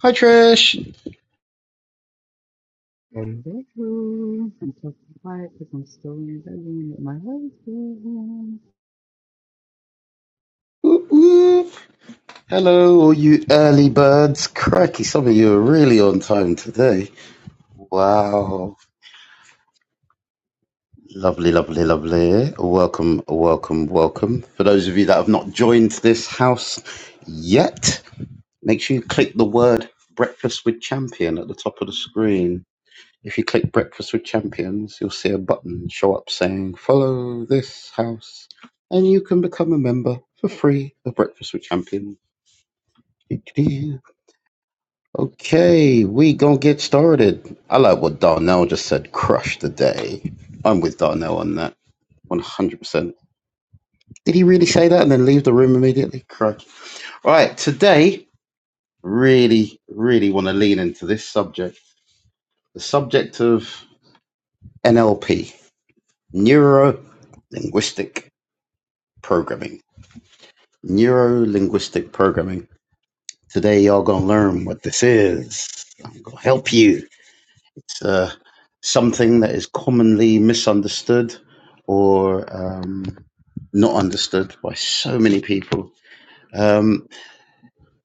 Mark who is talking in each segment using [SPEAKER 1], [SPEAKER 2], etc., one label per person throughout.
[SPEAKER 1] Hi Trish.
[SPEAKER 2] in bedroom. I'm so quiet because I'm still in the bedroom with my husband.
[SPEAKER 1] Whoop, whoop. Hello, all you early birds. Crikey, some of you are really on time today. Wow. Lovely, lovely, lovely. Welcome, welcome, welcome. For those of you that have not joined this house yet, make sure you click the word breakfast with champion at the top of the screen. If you click breakfast with champions, you'll see a button show up saying follow this house and you can become a member for free of breakfast with champions. Okay, we gonna get started. I like what Darnell just said. Crush the day. I'm with Darnell on that. One hundred percent. Did he really say that and then leave the room immediately? Crush. Right. Today, really, really want to lean into this subject. The subject of NLP, neuro linguistic programming. Neuro linguistic programming. Today, y'all gonna learn what this is. I'm gonna help you. uh, something that is commonly misunderstood or um, not understood by so many people. Um,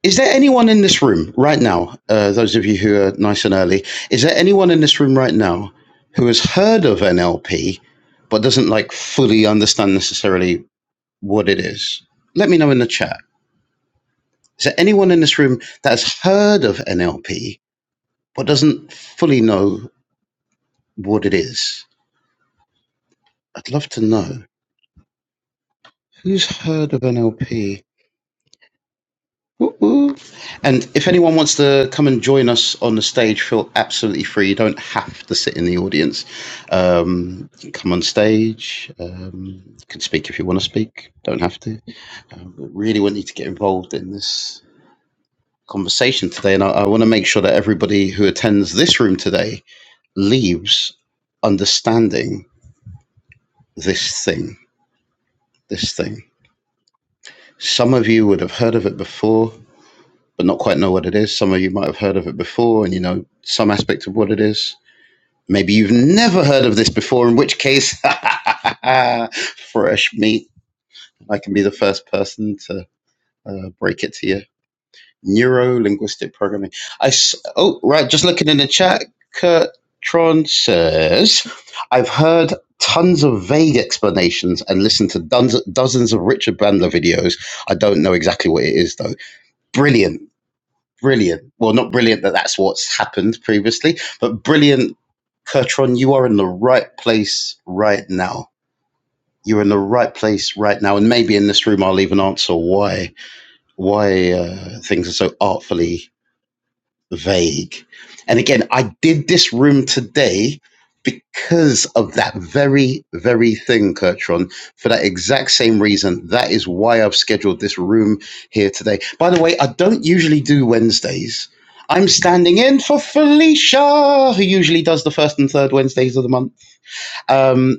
[SPEAKER 1] is there anyone in this room right now, uh, those of you who are nice and early, is there anyone in this room right now who has heard of NLP but doesn't like fully understand necessarily what it is? Let me know in the chat. Is there anyone in this room that has heard of NLP but doesn't fully know what it is? I'd love to know. Who's heard of NLP? Woo woo. And if anyone wants to come and join us on the stage, feel absolutely free. You don't have to sit in the audience. Um, come on stage. Um, you can speak if you want to speak. Don't have to. Um, but really want you to get involved in this conversation today. And I, I want to make sure that everybody who attends this room today leaves understanding this thing. This thing. Some of you would have heard of it before but not quite know what it is. Some of you might have heard of it before and you know some aspect of what it is. Maybe you've never heard of this before, in which case, fresh meat. I can be the first person to uh, break it to you. Neuro linguistic programming. I s- oh right, just looking in the chat. Kurt Tron says, "I've heard tons of vague explanations and listened to dozens, dozens of Richard Bandler videos. I don't know exactly what it is though. Brilliant brilliant. Well, not brilliant that that's what's happened previously, but brilliant, Kurtron. You are in the right place right now. You're in the right place right now, and maybe in this room I'll even answer why why uh, things are so artfully vague. And again, I did this room today because of that very, very thing, Kurtron, for that exact same reason. That is why I've scheduled this room here today. By the way, I don't usually do Wednesdays. I'm standing in for Felicia, who usually does the first and third Wednesdays of the month. Um,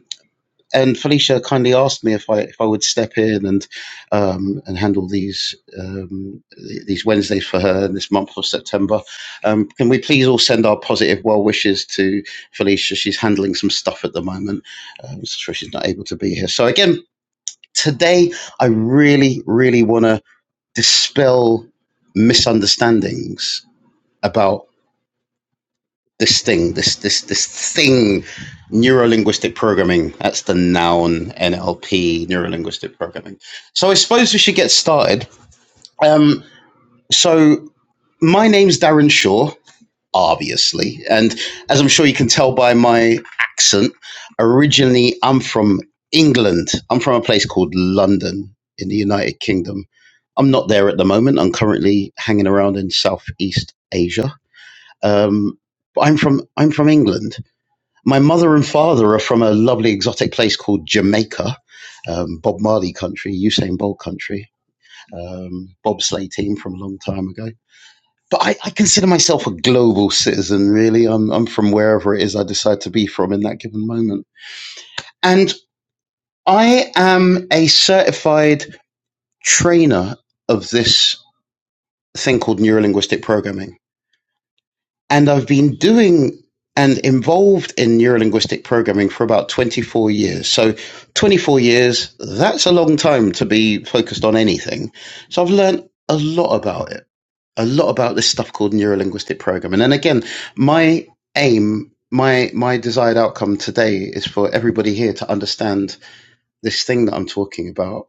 [SPEAKER 1] and Felicia kindly asked me if I if I would step in and um, and handle these um, these Wednesdays for her in this month of September. Um, can we please all send our positive well wishes to Felicia? She's handling some stuff at the moment, um, so she's not able to be here. So again, today I really really want to dispel misunderstandings about this thing, this this this thing, neuro linguistic programming. That's the noun NLP, neuro linguistic programming. So I suppose we should get started. Um, so my name's Darren Shaw, obviously, and as I'm sure you can tell by my accent, originally I'm from England. I'm from a place called London in the United Kingdom. I'm not there at the moment. I'm currently hanging around in Southeast Asia. Um, but I'm from I'm from England my mother and father are from a lovely exotic place called Jamaica, um, Bob Marley country, Usain Bolt country, um, bobsleigh team from a long time ago. But I, I consider myself a global citizen, really. I'm, I'm from wherever it is I decide to be from in that given moment. And I am a certified trainer of this thing called neurolinguistic programming. And I've been doing and involved in neurolinguistic programming for about 24 years. So 24 years, that's a long time to be focused on anything. So I've learned a lot about it, a lot about this stuff called neurolinguistic programming. And again, my aim, my my desired outcome today is for everybody here to understand this thing that I'm talking about.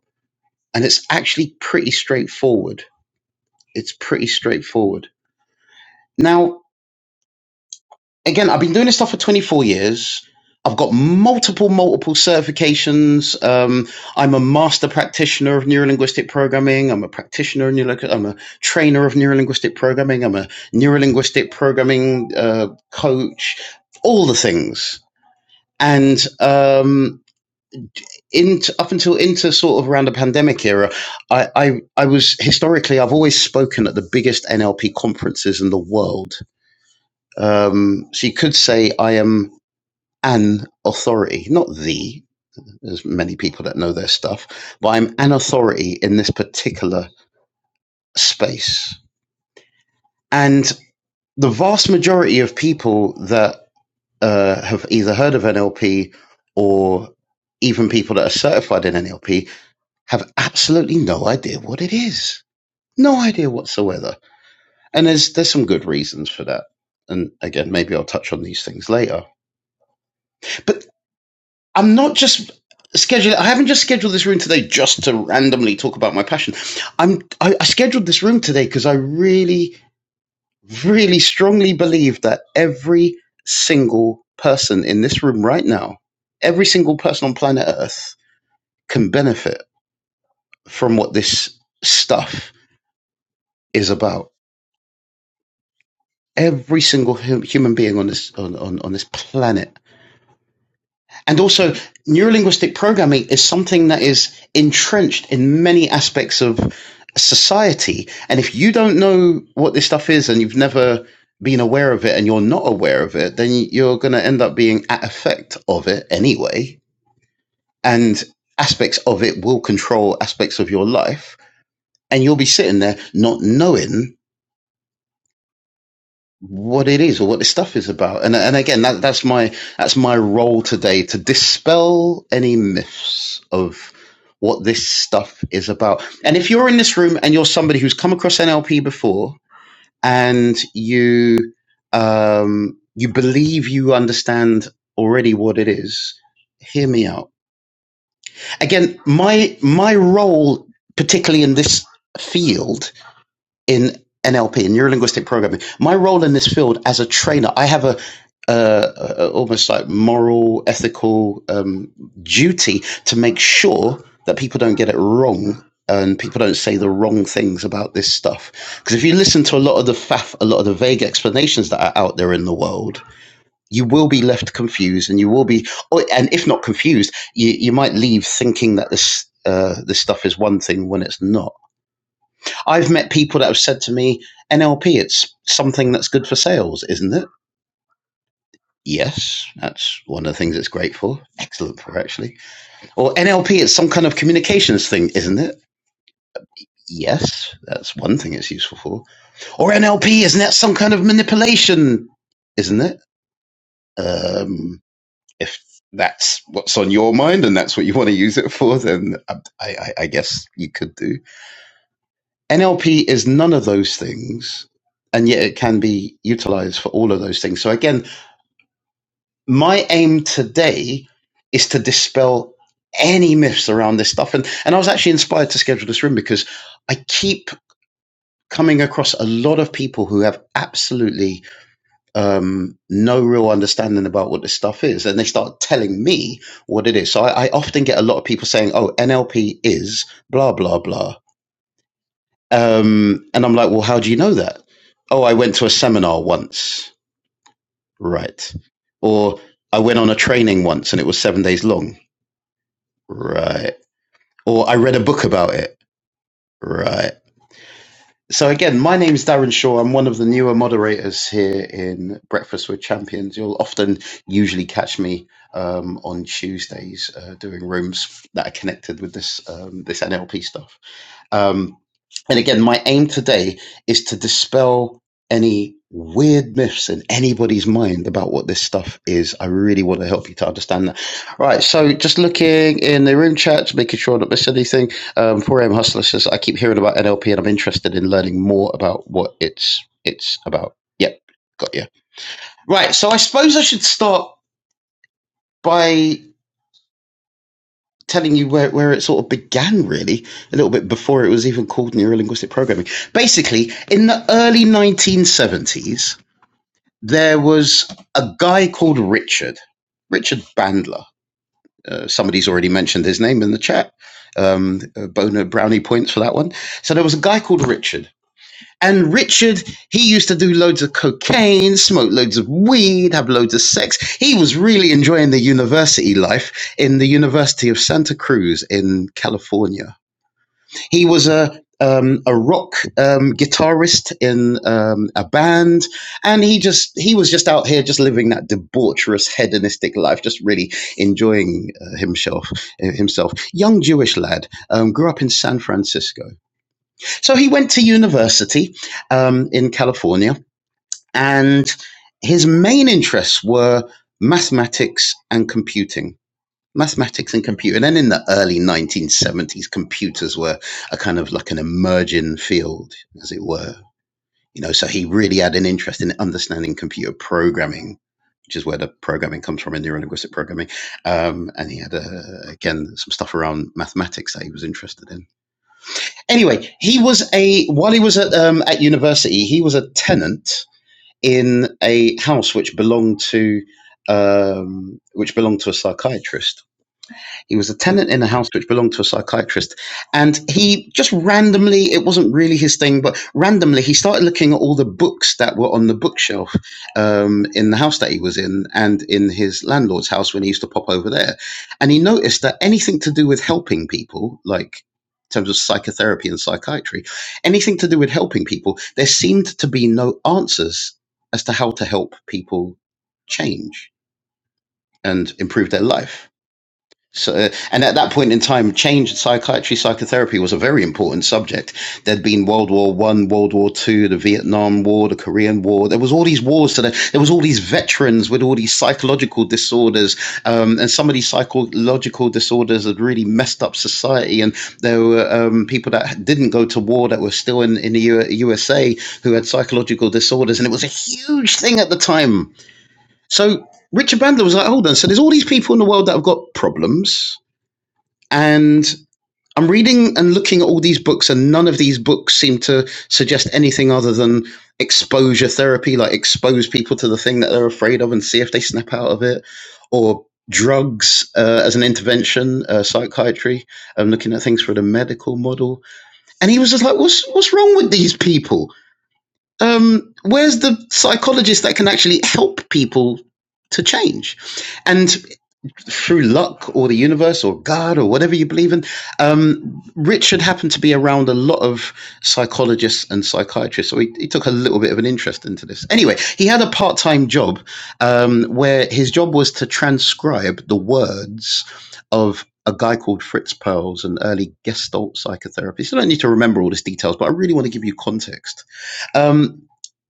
[SPEAKER 1] And it's actually pretty straightforward. It's pretty straightforward. Now, again, I've been doing this stuff for 24 years. I've got multiple, multiple certifications. Um, I'm a master practitioner of neurolinguistic programming. I'm a practitioner of neuro- I'm a trainer of neurolinguistic programming. I'm a neurolinguistic programming uh, coach. All the things. And um, in, up until into sort of around the pandemic era, I, I I was historically I've always spoken at the biggest NLP conferences in the world. Um, so you could say I am an authority, not the, there's many people that know their stuff, but I'm an authority in this particular space. And the vast majority of people that uh, have either heard of NLP or even people that are certified in NLP have absolutely no idea what it is. No idea whatsoever. And there's there's some good reasons for that. And again, maybe I'll touch on these things later. But I'm not just scheduling. I haven't just scheduled this room today just to randomly talk about my passion. I'm. I, I scheduled this room today because I really, really strongly believe that every single person in this room right now, every single person on planet Earth, can benefit from what this stuff is about. Every single hum, human being on this on, on, on this planet And also, neurolinguistic programming is something that is entrenched in many aspects of society. And if you don't know what this stuff is and you've never been aware of it and you're not aware of it, then you're going to end up being at effect of it anyway. And aspects of it will control aspects of your life. And you'll be sitting there not knowing what it is or what this stuff is about. And and again, that, that's my that's my role today to dispel any myths of what this stuff is about. And if you're in this room and you're somebody who's come across NLP before and you um, you believe you understand already what it is, hear me out. Again, my my role, particularly in this field, in NLP, in neuro linguistic programming. My role in this field as a trainer, I have a uh, uh, almost like moral, ethical um, duty to make sure that people don't get it wrong and people don't say the wrong things about this stuff. Because if you listen to a lot of the faff, a lot of the vague explanations that are out there in the world, you will be left confused, and you will be, oh, and if not confused, you, you might leave thinking that this uh, this stuff is one thing when it's not I've met people that have said to me, NLP, it's something that's good for sales, isn't it? Yes, that's one of the things it's great for. Excellent for, actually. Or NLP, it's some kind of communications thing, isn't it? Yes, that's one thing it's useful for. Or NLP, isn't that some kind of manipulation, isn't it? Um, if that's what's on your mind and that's what you want to use it for, then um, I, I, I guess you could do. NLP is none of those things, and yet it can be utilized for all of those things. So, again, my aim today is to dispel any myths around this stuff. And, and I was actually inspired to schedule this room because I keep coming across a lot of people who have absolutely um, no real understanding about what this stuff is. And they start telling me what it is. So, I, I often get a lot of people saying, oh, NLP is blah, blah, blah Um, and I'm like, well, how do you know that? Oh, I went to a seminar once. Right. Or I went on a training once and it was seven days long. Right. Or I read a book about it. Right. So again, my name's Darren Shaw. I'm one of the newer moderators here in Breakfast with Champions. You'll often usually catch me um, on Tuesdays uh, doing rooms that are connected with this um, this NLP stuff. Um, And again, my aim today is to dispel any weird myths in anybody's mind about what this stuff is. I really want to help you to understand that. Right. So just looking in the room chats, making sure I don't miss anything. Um, 4am Hustler says, I keep hearing about NLP and I'm interested in learning more about what it's, it's about. Yep. Got you. Right. So I suppose I should start by telling you where, where it sort of began, really, a little bit before it was even called neurolinguistic programming. Basically, in the early 1970s, there was a guy called Richard, Richard Bandler. Uh, somebody's already mentioned his name in the chat. Um, uh, Bona Brownie points for that one. So there was a guy called Richard and Richard, he used to do loads of cocaine, smoke loads of weed, have loads of sex. He was really enjoying the university life in the University of Santa Cruz in California. He was a um, a rock um, guitarist in um, a band, and he just he was just out here just living that debaucherous hedonistic life, just really enjoying uh, himself. Himself, young Jewish lad, um, grew up in San Francisco so he went to university um, in California, and his main interests were mathematics and computing. Mathematics and computing. And then in the early 1970s, computers were a kind of like an emerging field, as it were. You know, so he really had an interest in understanding computer programming, which is where the programming comes from in neurolinguistic programming. Um, and he had, uh, again, some stuff around mathematics that he was interested in anyway, he was a while he was at um, at university, he was a tenant in a house which belonged to um, which belonged to a psychiatrist he was a tenant in a house which belonged to a psychiatrist. And he just randomly, it wasn't really his thing, but randomly he started looking at all the books that were on the bookshelf um, in the house that he was in and in his landlord's house when he used to pop over there. And he noticed that anything to do with helping people, like in terms of psychotherapy and psychiatry, anything to do with helping people, there seemed to be no answers as to how to help people change and improve their life so, uh, and at that point in time, change in psychiatry, psychotherapy was a very important subject. There'd been World War One, World War Two, the Vietnam War, the Korean War. There was all these wars. So there, there was all these veterans with all these psychological disorders, um, and some of these psychological disorders had really messed up society. And there were um, people that didn't go to war that were still in in the U- USA who had psychological disorders, and it was a huge thing at the time. So Richard Bandler was like, hold on. So there's all these people in the world that have got problems and I'm reading and looking at all these books, and none of these books seem to suggest anything other than exposure therapy, like expose people to the thing that they're afraid of and see if they snap out of it, or drugs uh, as an intervention, uh, psychiatry. I'm looking at things for the medical model. And he was just like, what's, what's wrong with these people? Um, where's the psychologist that can actually help people to change? And through luck or the universe or God or whatever you believe in, um, Richard happened to be around a lot of psychologists and psychiatrists. So he, he took a little bit of an interest into this. Anyway, he had a part time job um, where his job was to transcribe the words of a guy called Fritz Perls, an early Gestalt psychotherapist. I don't need to remember all these details, but I really want to give you context. Um,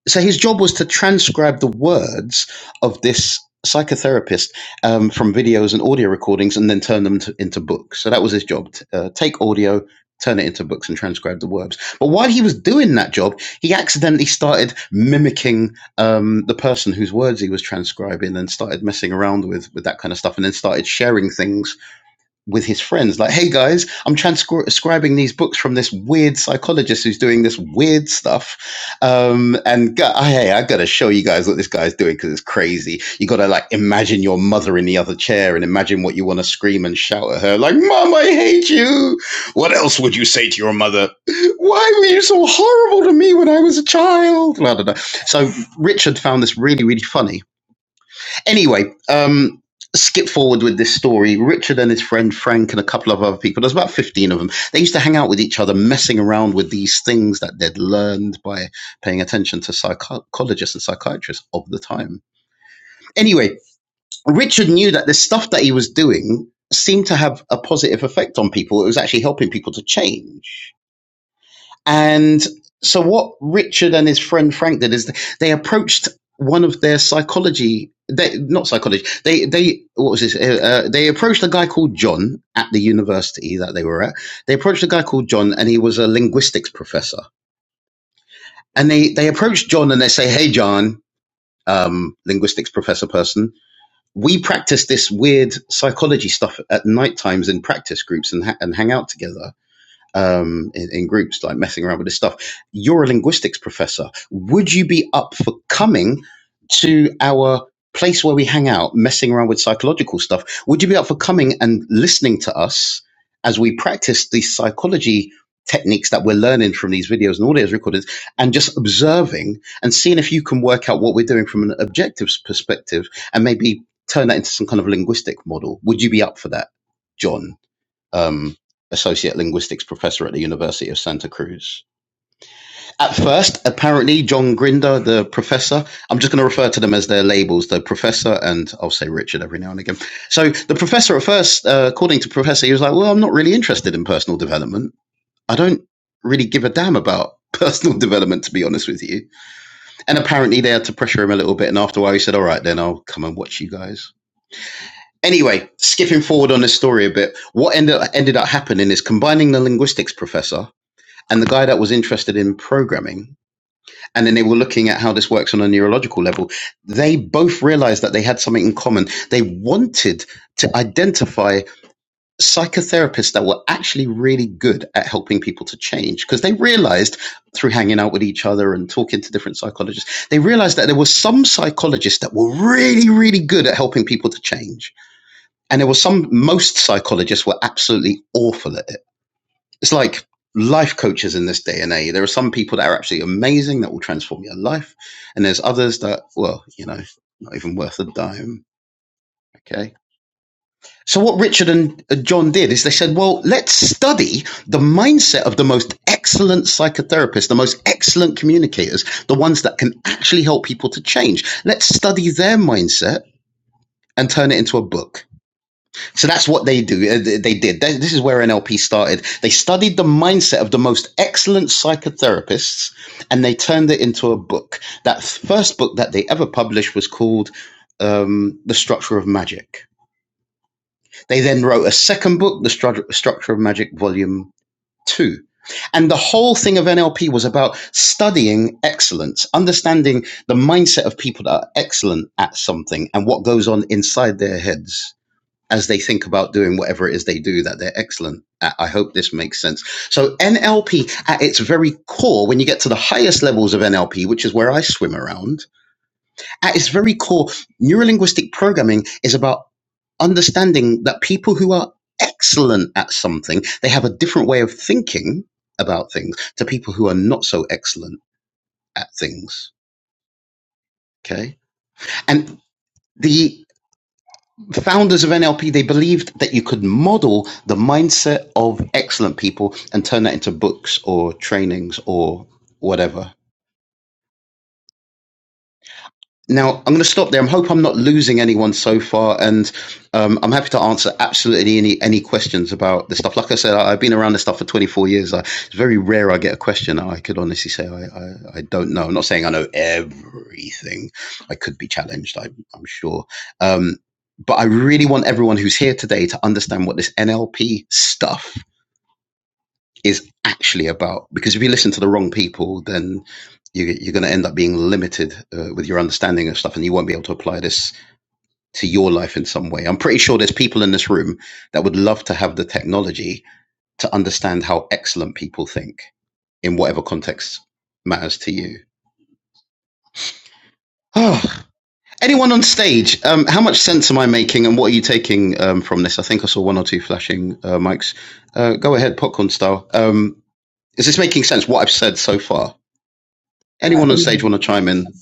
[SPEAKER 1] so his job was to transcribe the words of this psychotherapist um, from videos and audio recordings and then turn them to, into books. So that was his job. t- uh, take audio, turn it into books and transcribe the words. But while he was doing that job, he accidentally started mimicking um, the person whose words he was transcribing and started messing around with, with that kind of stuff and then started sharing things with his friends like hey guys i'm transcribing these books from this weird psychologist who's doing this weird stuff um and go- hey i gotta show you guys what this guy's doing because it's crazy you gotta like imagine your mother in the other chair and imagine what you want to scream and shout at her like mom i hate you what else would you say to your mother why were you so horrible to me when i was a child blah, blah, blah. so richard found this really really funny Anyway, um, skip forward with this story. Richard and his friend Frank and a couple of other people, there's about 15 of them, they used to hang out with each other, messing around with these things that they'd learned by paying attention to psychologists and psychiatrists of the time. Anyway, Richard knew that the stuff that he was doing seemed to have a positive effect on people. It was actually helping people to change. And so, what Richard and his friend Frank did is they approached one of their psychology, they, not psychology, they, they, what was this? Uh, uh, they approached a guy called John at the university that they were at. They approached a guy called John, and he was a linguistics professor. And they, they approached John and they say, Hey, John, um, linguistics professor person, we practice this weird psychology stuff at night times in practice groups and, ha- and hang out together um, in, in groups, like messing around with this stuff. You're a linguistics professor. Would you be up for coming to our place where we hang out, messing around with psychological stuff? Would you be up for coming and listening to us as we practice these psychology techniques that we're learning from these videos and audio recordings and just observing and seeing if you can work out what we're doing from an objective perspective and maybe turn that into some kind of linguistic model? Would you be up for that, John? um, associate linguistics professor at the University of Santa Cruz. At first, apparently, John Grinder, the professor, I'm just going to refer to them as their labels, the professor and I'll say Richard every now and again. So the professor at first, uh, according to professor, he was like, well, I'm not really interested in personal development. I don't really give a damn about personal development, to be honest with you. And apparently they had to pressure him a little bit. And after a while, he said, all right, then I'll come and watch you guys. Anyway, skipping forward on this story a bit, what ended ended up happening is combining the linguistics professor and the guy that was interested in programming, and then they were looking at how this works on a neurological level. They both realized that they had something in common. They wanted to identify psychotherapists that were actually really good at helping people to change because they realized through hanging out with each other and talking to different psychologists, they realized that there were some psychologists that were really, really good at helping people to change and there were some, most psychologists were absolutely awful at it. It's like life coaches in this day and age. There are some people that are absolutely amazing that will transform your life. And there's others that, well, you know, not even worth a dime. Okay. So what Richard and uh, John did is they said, well, let's study the mindset of the most excellent psychotherapists, the most excellent communicators, the ones that can actually help people to change. Let's study their mindset and turn it into a book So that's what they do. uh, They did. This is where NLP started. They studied the mindset of the most excellent psychotherapists, and they turned it into a book. That first book that they ever published was called um, "The Structure of Magic." They then wrote a second book, "The Stru- Structure of Magic, Volume Two. And the whole thing of NLP was about studying excellence, understanding the mindset of people that are excellent at something and what goes on inside their heads as they think about doing whatever it is they do that they're excellent at. I hope this makes sense. So, NLP at its very core, when you get to the highest levels of NLP, which is where I swim around, at its very core, neurolinguistic programming is about understanding that people who are excellent at something, they have a different way of thinking about things to people who are not so excellent at things. Okay. And the the founders of NLP, they believed that you could model the mindset of excellent people and turn that into books or trainings or whatever. Now, I'm going to stop there. I hope I'm not losing anyone so far, and um, I'm happy to answer absolutely any any questions about this stuff. Like I said, I, I've been around this stuff for 24 years. I, it's very rare I get a question I could honestly say I, I, I don't know. I'm not saying I know everything. I could be challenged, I, I'm sure. Um, but I really want everyone who's here today to understand what this NLP stuff is actually about. Because if you listen to the wrong people, then you, you're going to end up being limited uh, with your understanding of stuff, and you won't be able to apply this to your life in some way. I'm pretty sure there's people in this room that would love to have the technology to understand how excellent people think in whatever context matters to you. Oh, Anyone on stage? Um, how much sense am I making, and what are you taking um, from this? I think I saw one or two flashing uh, mics. Uh, go ahead, popcorn style. Um, is this making sense? What I've said so far?
[SPEAKER 3] Uh,
[SPEAKER 1] Anyone on stage want to chime in?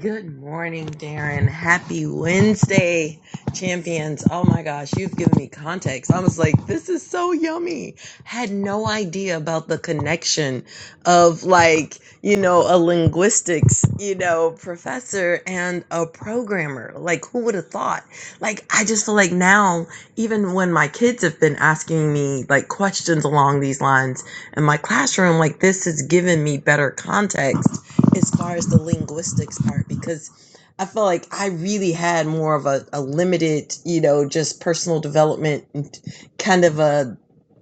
[SPEAKER 3] Good morning, Darren. Happy Wednesday, champions. Oh my gosh, you've given me context. I was like, this is so yummy. Had no idea about the connection of like, you know, a linguistics, you know, professor and a programmer. Like, who would have thought? Like, I just feel like now, even when my kids have been asking me like questions along these lines in my classroom, like this has given me better context as far as the linguistics part because I felt like I really had more of a, a limited, you know, just personal development and kind of a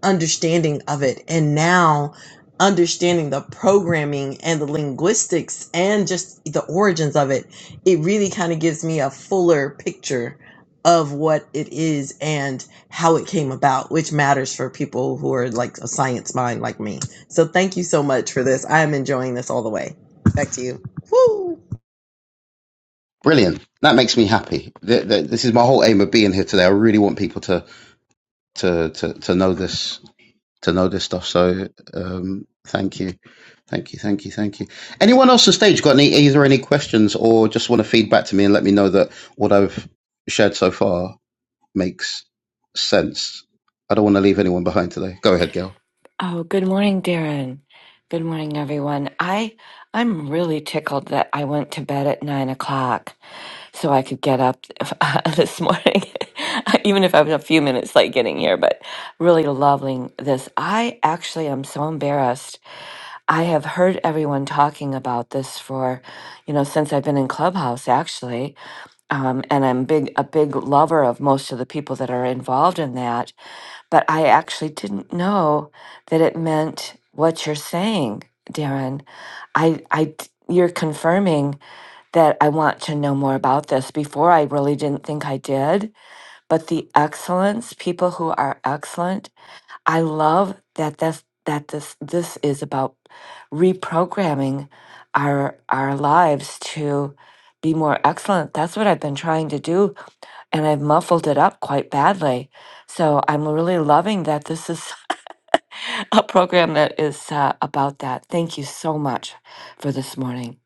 [SPEAKER 3] understanding of it and now understanding the programming and the linguistics and just the origins of it it really kind of gives me a fuller picture of what it is and how it came about which matters for people who are like a science mind like me so thank you so much for this i'm enjoying this all the way back to you Woo!
[SPEAKER 1] Brilliant. That makes me happy. Th- th- This is my whole aim of being here today. I really want people to to to, to know this to know this stuff. So um, thank you, thank you, thank you, thank you. Anyone else on stage got any either any questions or just want to feed back to me and let me know that what I've shared so far makes sense. I don't want to leave anyone behind today. Go ahead, Gail.
[SPEAKER 4] Oh, good morning, Darren. Good morning, everyone. I I'm really tickled that I went to bed at nine o'clock so I could get up this morning, even if I was a few minutes late getting here. But really loving this. I actually am so embarrassed I have heard everyone talking about this for, you know, since I've been in Clubhouse actually. Um, and I'm big a big lover of most of the people that are involved in that. But I actually didn't know that it meant what you're saying, Darren. I I d- you're confirming that I want to know more about this. Before I really didn't think I did, but the excellence, people who are excellent I love that that's that this this is about reprogramming our our lives to be more excellent. That's what I've been trying to do and I've muffled it up quite badly. So I'm really loving that this is a program that is uh, about that. Thank you so much for this morning.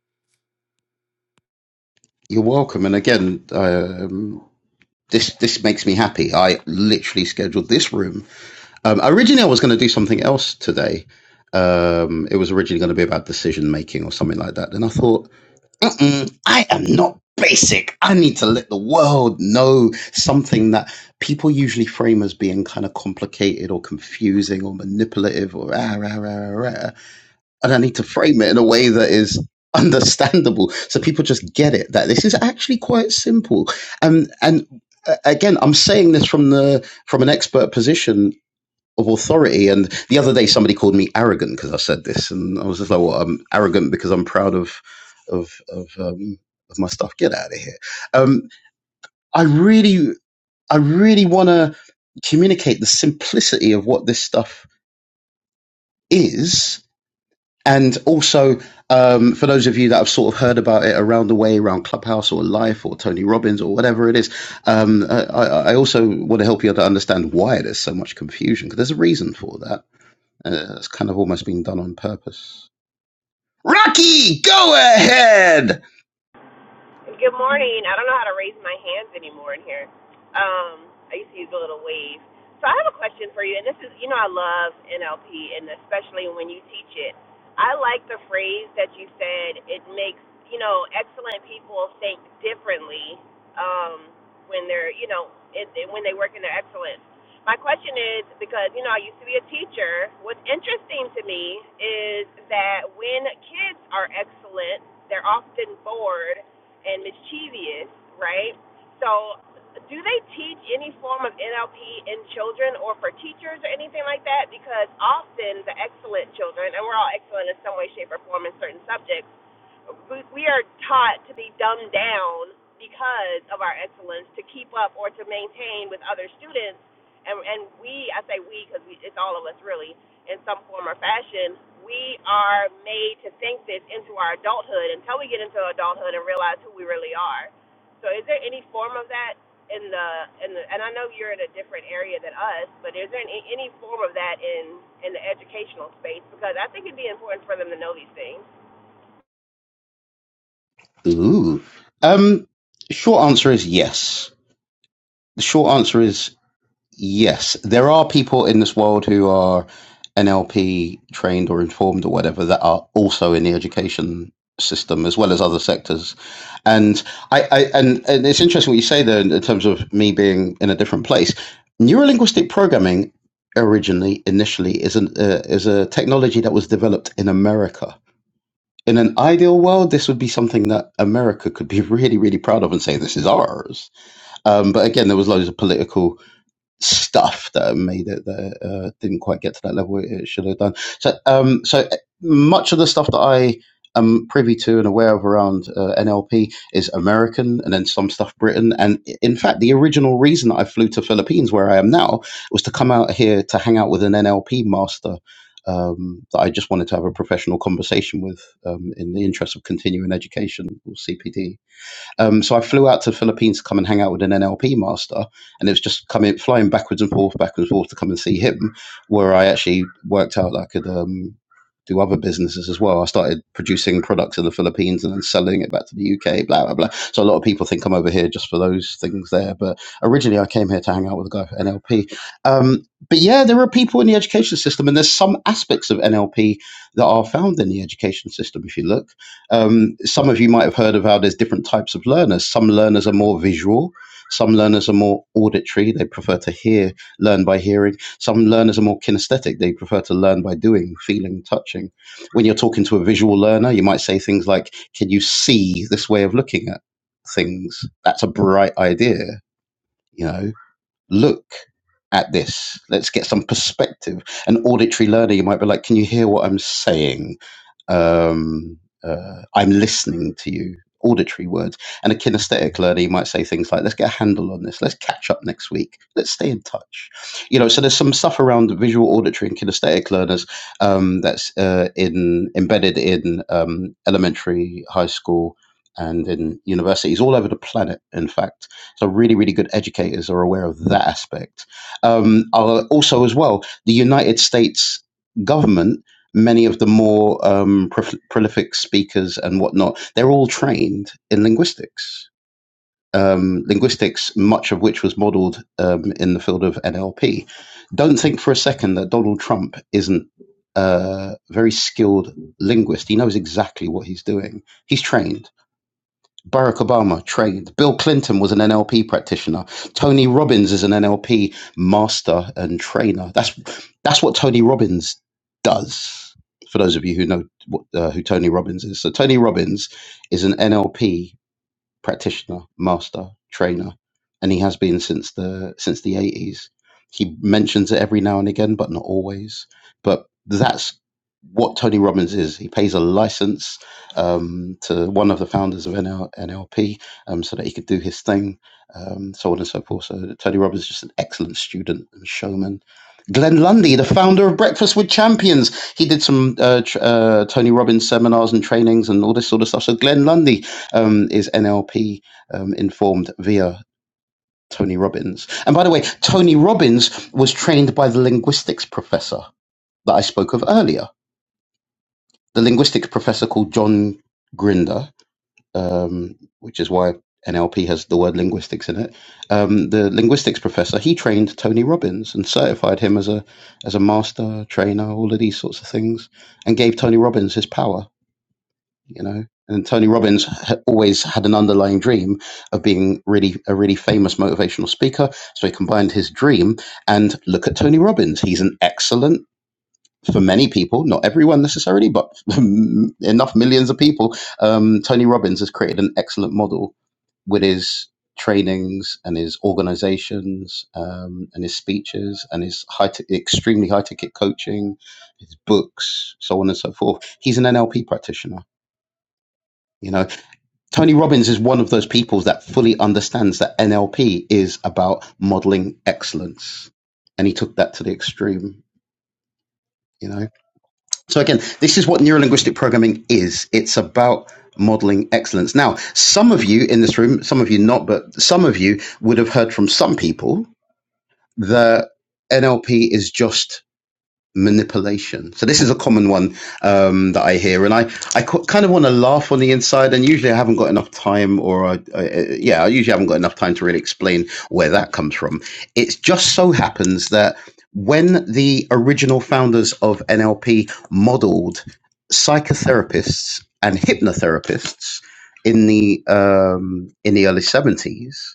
[SPEAKER 1] You're welcome. And again, um, this this makes me happy. I literally scheduled this room Um, originally, I was going to do something else today. Um, it was originally going to be about decision making or something like that. Then I thought, Mm-mm, I am not basic. I need to let the world know something that people usually frame as being kind of complicated or confusing or manipulative or rah, rah, rah, rah, rah. And I need to frame it in a way that is understandable so people just get it that this is actually quite simple. And and uh, again, I'm saying this from the from an expert position of authority. And the other day, somebody called me arrogant because I said this, and I was just like, "Well, I'm arrogant because I'm proud of of of, um, of my stuff. Get out of here." Um, I really, I really want to communicate the simplicity of what this stuff is, and also. Um, for those of you that have sort of heard about it around the way, around Clubhouse or Life or Tony Robbins or whatever it is, um, I, I I also want to help you to understand why there's so much confusion because there's a reason for that Uh, it's kind of almost been done on purpose. Rocky, go ahead.
[SPEAKER 5] Good morning. I don't know how to raise my hands anymore in here. Um, I used to use a little wave. So I have a question for you, and this is, you know, I love NLP, and especially when you teach it. I like the phrase that you said. It makes, you know, excellent people think differently um, when they're, you know, it, it- when they work in their excellence. My question is because, you know, I used to be a teacher. What's interesting to me is that when kids are excellent, they're often bored and mischievous, right? So, do they teach any form of NLP in children or for teachers or anything like that? Because often the excellent children, and we're all excellent in some way, shape, or form in certain subjects we- are taught to be dumbed down because of our excellence to keep up or to maintain with other students and and we I say we because it's all of us really in some form or fashion we are made to think this into our adulthood until we get into adulthood and realize who we really are so is there any form of that in the in the and I know you're in a different area than us but is there any, any form of that in in the educational space because I think it'd be important for them to know these things
[SPEAKER 1] Ooh. Um, short answer is yes. The short answer is Yes, there are people in this world who are NLP trained or informed or whatever that are also in the education system as well as other sectors. And I, I and, and it's interesting what you say there in in terms of me being in a different place. Neurolinguistic programming originally initially is an uh, is a technology that was developed in America. In an ideal world, this would be something that America could be really, really proud of and say this is ours. Um, but again, there was loads of political stuff that made it that uh, didn't quite get to that level it should have done. So, um, so uh, much of the stuff that I am privy to and aware of around uh, NLP is American, and then some stuff Britain. And in fact, the original reason that I flew to Philippines, where I am now, was to come out here to hang out with an NLP master. Um, that I just wanted to have a professional conversation with um, in the interest of continuing education or CPD um, so I flew out to the Philippines to come and hang out with an NLP master, and it was just coming flying backwards and forth, backwards and forth to come and see him, where I actually worked out that I could um, do other businesses as well. I started producing products in the Philippines and then selling it back to the UK, blah blah blah. So a lot of people think I'm over here just for those things there, but originally I came here to hang out with a guy for NLP. Um, but yeah, there are people in the education system, and there's some aspects of NLP that are found in the education system if you look. Um, some of you might have heard of how there's different types of learners. Some learners are more visual. Some learners are more auditory. They prefer to hear, learn by hearing. Some learners are more kinesthetic. They prefer to learn by doing, feeling, touching. When you're talking to a visual learner, you might say things like, Can you see this way of looking at things? That's a bright idea. You know, look at this. Let's get some perspective. An auditory learner, you might be like, Can you hear what I'm saying? um, uh, I'm listening to you, auditory words. And a kinesthetic learner, you might say things like, let's get a handle on this, let's catch up next week, let's stay in touch. You know, so there's some stuff around the visual, auditory, and kinesthetic learners um, that's uh, in embedded in um, elementary, high school, and in universities all over the planet, in fact. So, really, really good educators are aware of that aspect. Um, i also, as well, the United States government many of the more um, prof- prolific speakers and whatnot, they're all trained in linguistics. Um, linguistics, much of which was modeled um, in the field of NLP. Don't think for a second that Donald Trump isn't uh, a very skilled linguist. He knows exactly what he's doing. He's trained Barack Obama trained. Bill Clinton was an NLP practitioner. Tony Robbins is an NLP master and trainer. That's that's what Tony Robbins does. For those of you who know what, uh, who Tony Robbins is, so Tony Robbins is an NLP practitioner, master, trainer, and he has been since the since the eighties. He mentions it every now and again, but not always. But that's what Tony Robbins is. He pays a license um, to one of the founders of NL, NLP um, so that he could do his thing, um, so on and so forth. So Tony Robbins is just an excellent student and showman. Glenn Lundy, the founder of Breakfast with Champions, he did some uh, tr- uh, Tony Robbins seminars and trainings and all this sort of stuff. So Glenn Lundy, um, is NLP um, informed via Tony Robbins. And by the way, Tony Robbins was trained by the linguistics professor that I spoke of earlier, the linguistics professor called John Grinder, um, which is why NLP has the word linguistics in it. Um, the linguistics professor he trained Tony Robbins and certified him as a as a master trainer, all of these sorts of things, and gave Tony Robbins his power you know. And Tony Robbins ha- always had an underlying dream of being really a really famous motivational speaker. So he combined his dream and look at Tony Robbins. He's an excellent for many people, not everyone necessarily, but enough millions of people. Um, Tony Robbins has created an excellent model with his trainings and his organizations um, and his speeches and his high t- extremely high ticket coaching, his books, so on and so forth. He's an NLP practitioner. You know, Tony Robbins is one of those people that fully understands that NLP is about modeling excellence. And he took that to the extreme, you know. So again, this is what neurolinguistic programming is. It's about modeling excellence. Now, some of you in this room, some of you not, but some of you would have heard from some people that NLP is just manipulation. So this is a common one um, that I hear, and I I co- kind of want to laugh on the inside, and usually I haven't got enough time, or I, I, yeah, I usually haven't got enough time to really explain where that comes from. It just so happens that when the original founders of NLP modeled psychotherapists and hypnotherapists in the um, in the early seventies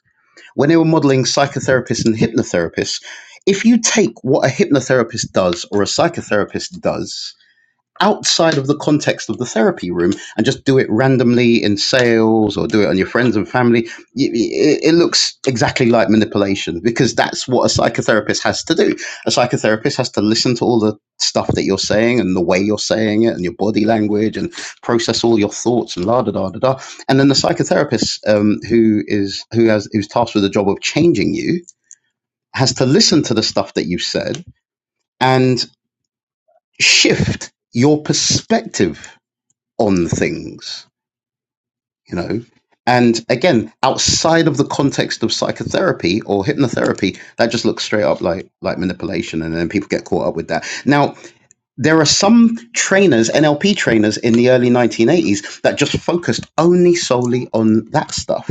[SPEAKER 1] when they were modeling psychotherapists and hypnotherapists, if you take what a hypnotherapist does or a psychotherapist does outside of the context of the therapy room and just do it randomly in sales or do it on your friends and family, it, it looks exactly like manipulation because that's what a psychotherapist has to do. A psychotherapist has to listen to all the stuff that you're saying and the way you're saying it and your body language and process all your thoughts and la da da da da. And then the psychotherapist um, who is who has who's tasked with the job of changing you has to listen to the stuff that you've said and shift your perspective on things, you know. And again, outside of the context of psychotherapy or hypnotherapy, that just looks straight up like like manipulation, and then people get caught up with that. Now, there are some trainers, NLP trainers, in the early 1980s that just focused only solely on that stuff,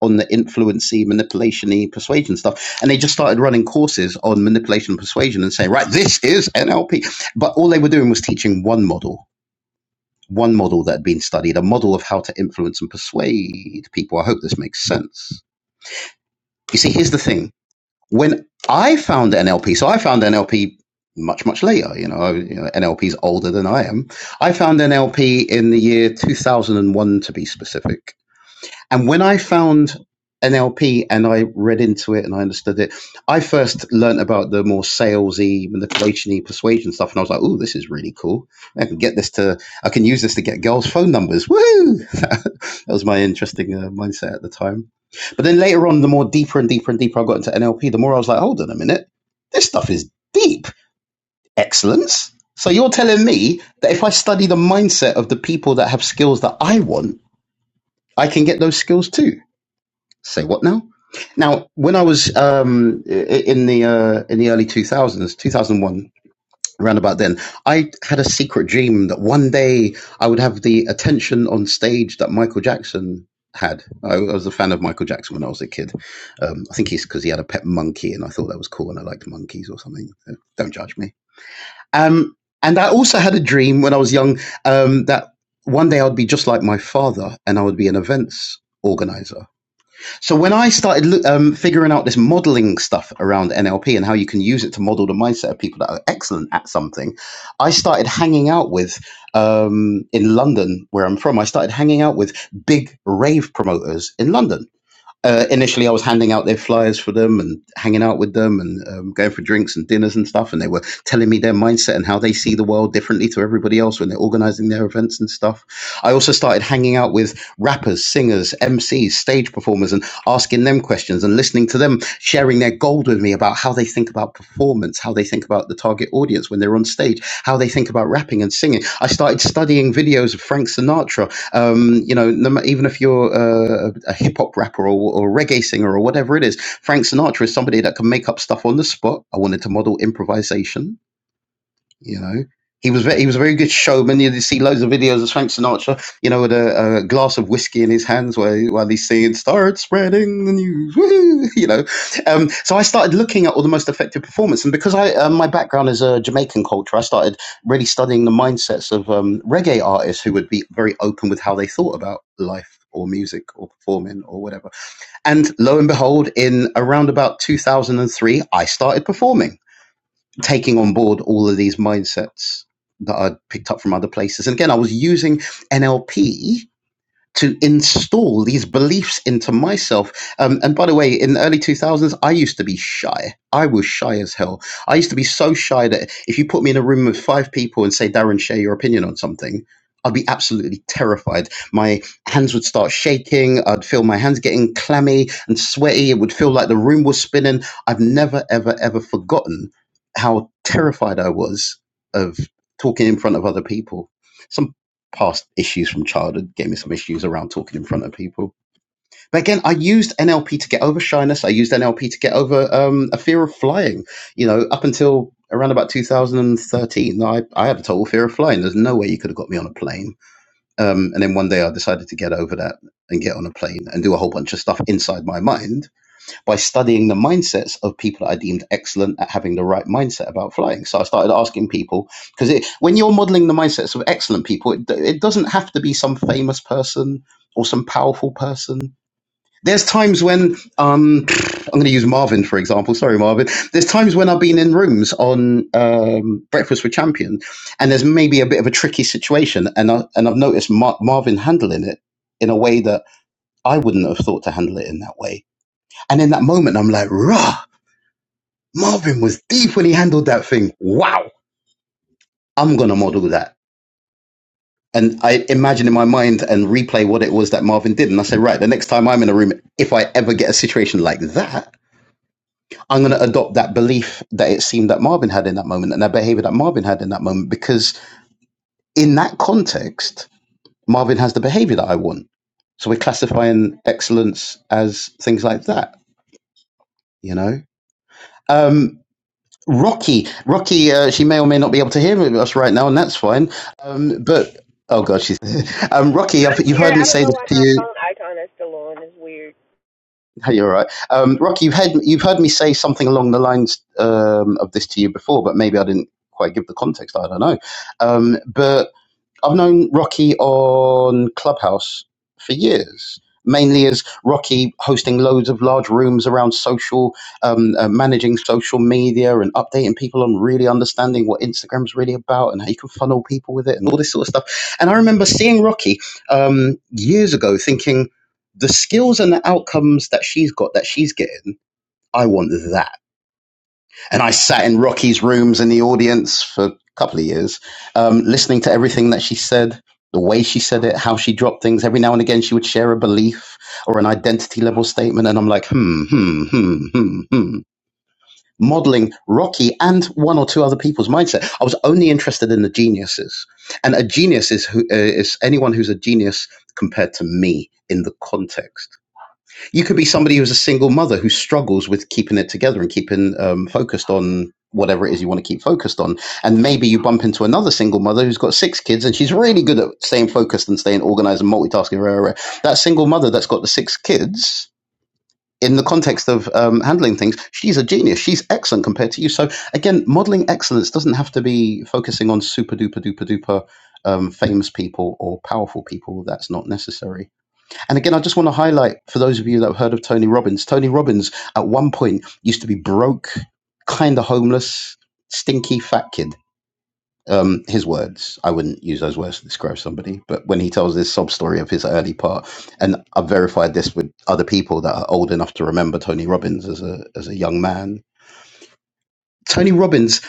[SPEAKER 1] on the influency, manipulationy, persuasion stuff, and they just started running courses on manipulation and persuasion and saying, right, this is NLP. But all they were doing was teaching one model one model that had been studied, a model of how to influence and persuade people. I hope this makes sense. You see, here's the thing. When I found NLP, so I found NLP much, much later, you know, you know NLP is older than I am. I found NLP in the year 2001, to be specific. And when I found NLP and I read into it and I understood it, I first learned about the more salesy, manipulation-y, persuasion stuff, and I was like, "Oh, this is really cool! I can get this to, I can use this to get girls' phone numbers." Woo! that was my interesting uh, mindset at the time. But then later on, the more deeper and deeper and deeper I got into NLP, the more I was like, "Hold on a minute, this stuff is deep excellence." So you're telling me that if I study the mindset of the people that have skills that I want, I can get those skills too Say what now? Now, when I was um, i- in the uh, in the early two thousands, two thousand one, around about then, I had a secret dream that one day I would have the attention on stage that Michael Jackson had. I, I was a fan of Michael Jackson when I was a kid. Um, I think he's because he had a pet monkey, and I thought that was cool, and I liked monkeys or something. So Don't judge me. Um, and I also had a dream when I was young um, that one day I'd be just like my father, and I would be an events organizer so when I started loo- um, figuring out this modeling stuff around NLP and how you can use it to model the mindset of people that are excellent at something, I started hanging out with um, in London, where I'm from. I started hanging out with big rave promoters in London uh, initially I was handing out their flyers for them and hanging out with them and um, going for drinks and dinners and stuff. And they were telling me their mindset and how they see the world differently to everybody else when they're organizing their events and stuff. I also started hanging out with rappers, singers, MCs, stage performers, and asking them questions and listening to them sharing their gold with me about how they think about performance, how they think about the target audience when they're on stage, how they think about rapping and singing. I started studying videos of Frank Sinatra um, you know, no ma- even if you're a, a hip hop rapper or, or a reggae singer or whatever it is, Frank Sinatra is somebody that can make up stuff on the spot. I wanted to model improvisation you know, he was ve- he was a very good showman. You see loads of videos of Frank Sinatra, you know, with a, a glass of whiskey in his hands while while he's singing "Start Spreading the News," woo you know. Um, so I started looking at all the most effective performance, and because I um, my background is uh, Jamaican culture, I started really studying the mindsets of um, reggae artists who would be very open with how they thought about life or music or performing or whatever. And lo and behold, in around about 2003, I started performing taking on board all of these mindsets that I'd picked up from other places. And again, I was using NLP to install these beliefs into myself. Um, and by the way, in the early 2000s, I used to be shy. I was shy as hell. I used to be so shy that if you put me in a room with five people and say, Darren, share your opinion on something, I'd be absolutely terrified. My hands would start shaking. I'd feel my hands getting clammy and sweaty. It would feel like the room was spinning. I've never, ever, ever forgotten how terrified I was of talking in front of other people Some past issues from childhood gave me some issues around talking in front of people. But again, I used NLP to get over shyness. I used NLP to get over um, a fear of flying. You know, up until around about 2013, I, I had a total fear of flying. There's no way you could have got me on a plane. Um, and then one day I decided to get over that and get on a plane and do a whole bunch of stuff inside my mind by studying the mindsets of people that I deemed excellent at having the right mindset about flying. So I started asking people because when you're modeling the mindsets of excellent people, it, it doesn't have to be some famous person or some powerful person. There's times when um, I'm going to use Marvin for example. Sorry, Marvin. There's times when I've been in rooms on um, Breakfast with Champion, and there's maybe a bit of a tricky situation, and I, and I've noticed Mar- Marvin handling it in a way that I wouldn't have thought to handle it in that way and in that moment, I'm like, rah, Marvin was deep when he handled that thing. Wow, I'm going to model that. And I imagine in my mind and replay what it was that Marvin did. And I said, right, the next time I'm in a room, if I ever get a situation like that, I'm going to adopt that belief that it seemed that Marvin had in that moment and that behavior that Marvin had in that moment. Because in that context, Marvin has the behavior that I want. So we're classifying excellence as things like that, you know? Um, Rocky, Rocky, uh, she may or may not be able to hear us right now, and that's fine. Um, but oh god, she's um, Rocky. I've,
[SPEAKER 5] I'm
[SPEAKER 1] you've
[SPEAKER 5] here.
[SPEAKER 1] heard
[SPEAKER 5] I
[SPEAKER 1] me
[SPEAKER 5] don't
[SPEAKER 1] say
[SPEAKER 5] know
[SPEAKER 1] this
[SPEAKER 5] why
[SPEAKER 1] to
[SPEAKER 5] my
[SPEAKER 1] you.
[SPEAKER 5] phone icon is still on. It's weird.
[SPEAKER 1] You're right, um, Rocky. You've heard you've heard me say something along the lines um, of this to you before, but maybe I didn't quite give the context. I don't know. Um, but I've known Rocky on Clubhouse for years, mainly as Rocky hosting loads of large rooms around social, um, uh, managing social media and updating people on really understanding what Instagram's really about and how you can funnel people with it and all this sort of stuff. And I remember seeing Rocky um, years ago thinking, the skills and the outcomes that she's got, that she's getting, I want that and I sat in Rocky's rooms in the audience for a couple of years, um, listening to everything that she said, the way she said it, how she dropped things. Every now and again, she would share a belief or an identity level statement, and I'm like, hmm, hmm, hmm, hmm, hmm. Modeling Rocky and one or two other people's mindset. I was only interested in the geniuses, and a genius is who uh, is anyone who's a genius compared to me in the context you could be somebody who's a single mother who struggles with keeping it together and keeping um, focused on whatever it is you want to keep focused on. And maybe you bump into another single mother who's got six kids and she's really good at staying focused and staying organized and multitasking. Rah, rah, rah. That single mother that's got the six kids. In the context of um, handling things, she's a genius. She's excellent compared to you. So again, modeling excellence doesn't have to be focusing on super duper duper duper um, famous people or powerful people. That's not necessary and again, I just want to highlight for those of you that have heard of Tony Robbins. Tony Robbins at one point used to be broke, kind of homeless, stinky fat kid. Um, his words, I wouldn't use those words to describe somebody, but when he tells this sob story of his early part, and I've verified this with other people that are old enough to remember Tony Robbins as a as a young man. Tony Robbins,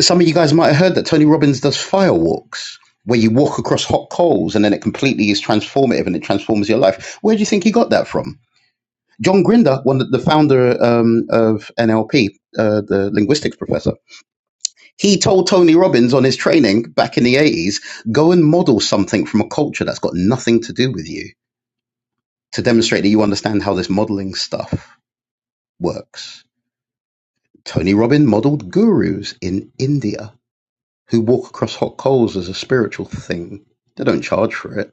[SPEAKER 1] some of you guys might have heard that Tony Robbins does fire walks where you walk across hot coals and then it completely is transformative and it transforms your life. Where do you think he got that from? John Grinder, one of the founder um, of NLP, uh, the linguistics professor, he told Tony Robbins on his training back in the 80s go and model something from a culture that's got nothing to do with you to demonstrate that you understand how this modeling stuff works. Tony Robbins modeled gurus in India who walk across hot coals as a spiritual thing. They don't charge for it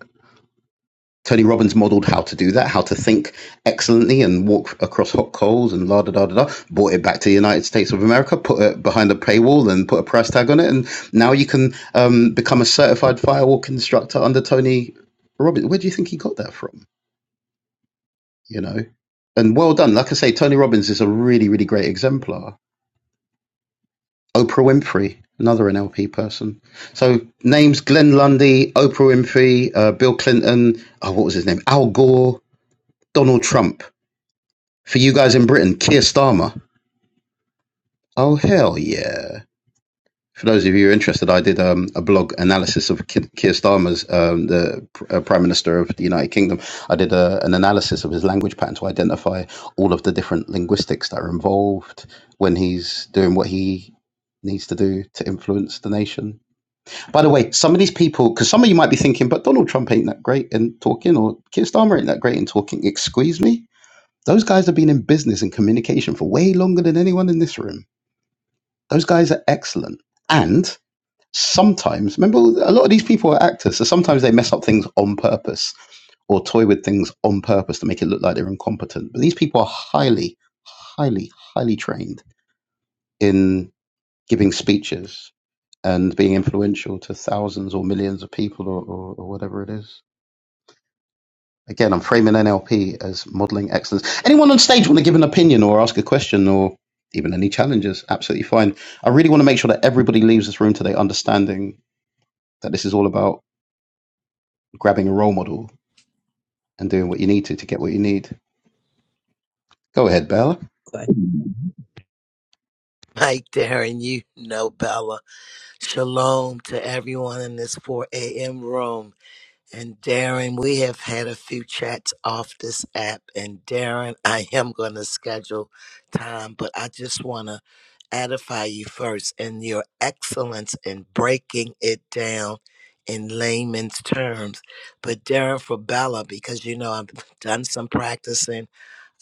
[SPEAKER 1] Tony Robbins modeled how to do that, how to think excellently and walk across hot coals and la da da da da. Brought it back to the United States of America, put it behind a paywall and put a price tag on it, and now you can um, become a certified firewall instructor under Tony Robbins. Where do you think he got that from? You know, and well done. Like I say, Tony Robbins is a really really great exemplar. Oprah Winfrey, another NLP person. So names: Glenn Lundy, Oprah Winfrey, uh, Bill Clinton. Oh, what was his name? Al Gore, Donald Trump For you guys in Britain, Keir Starmer. Oh hell yeah! For those of you who are interested, I did um, a blog analysis of Keir Starmer's um, the pr- uh, Prime Minister of the United Kingdom. I did a, an analysis of his language pattern to identify all of the different linguistics that are involved when he's doing what he needs to do to influence the nation. By the way, some of these people, because some of you might be thinking, but Donald Trump ain't that great in talking, or Keir Starmer ain't that great in talking. Excuse me those guys have been in business and communication for way longer than anyone in this room. Those guys are excellent. And sometimes, remember, a lot of these people are actors, so sometimes they mess up things on purpose or toy with things on purpose to make it look like they're incompetent. But these people are highly, highly, highly trained in giving speeches and being influential to thousands or millions of people or, or, or whatever it is. Again, I'm framing NLP as modeling excellence. Anyone on stage want to give an opinion or ask a question or even any challenges? Absolutely fine. I really want to make sure that everybody leaves this room today understanding that this is all about grabbing a role model and doing what you need to to get what you need. Go ahead, Bella.
[SPEAKER 6] Mike there, and you know Bella. Shalom to everyone in this 4 a.m. room. And Darren, we have had a few chats off this app. And Darren, I am going to schedule time, but I just want to edify you first in your excellence in breaking it down in layman's terms. But Darren, for Bella, because you know I've done some practicing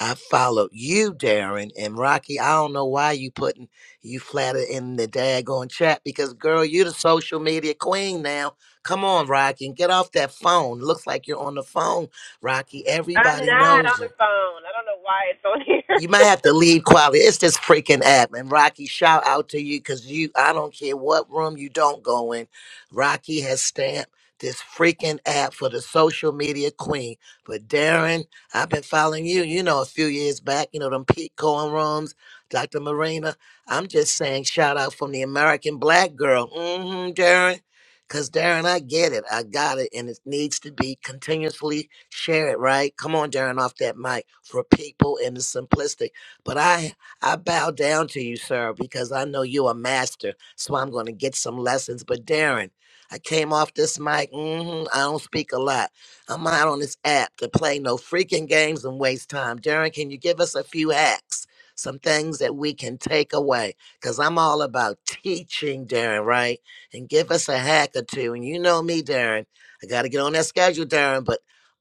[SPEAKER 6] I followed you, Darren and Rocky. I don't know why you putting you flatter in the daggone chat because girl, you the social media queen now. Come on, Rocky, and get off that phone. Looks like you're on the phone, Rocky.
[SPEAKER 5] I'm
[SPEAKER 6] Everybody
[SPEAKER 5] not
[SPEAKER 6] knows
[SPEAKER 5] on
[SPEAKER 6] you
[SPEAKER 5] the phone. I don't know why it's on here.
[SPEAKER 6] you might have to leave quietly. It's this freaking app. And Rocky, shout out to you because you, I don't care what room you don't go in. Rocky has stamped this freaking app for the social media queen. But Darren, I've been following you, you know, a few years back, you know, them Pete Cohen rooms, Dr. Marina. I'm just saying, shout out from the American black girl. Mm hmm, Darren. Because, Darren, I get it. I got it. And it needs to be continuously share it, right? Come on, Darren, off that mic for people in the simplistic. But I I bow down to you, sir, because I know you're a master. So I'm going to get some lessons. But Darren, I came off this mic. mhm, I don't speak a lot. I'm not on this app to play no freaking games and waste time. Darren, can you give us a few hacks? Some things that we can take away. Because I'm all about teaching, Darren, right? And give us a hack or two. And you know me, Darren. I got to get on that schedule, Darren, but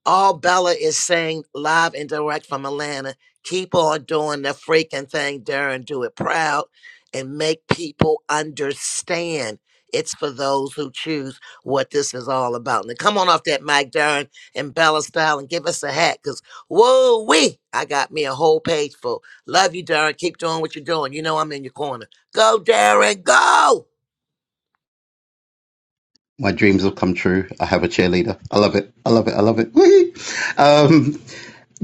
[SPEAKER 6] all Bella is saying live and direct from Atlanta. Keep on doing the freaking thing, Darren. Do it proud and make people understand. It's for those who choose what this is all about. Now come on off that mic, Darren and Bella style and give us a hat. Cause whoa wee, I got me a whole page full. Love you, Darren. Keep doing what you're doing. You know I'm in your corner. Go, Darren, go.
[SPEAKER 1] My dreams have come true. I have a cheerleader. I love it. I love it. I love it. Whee! Um,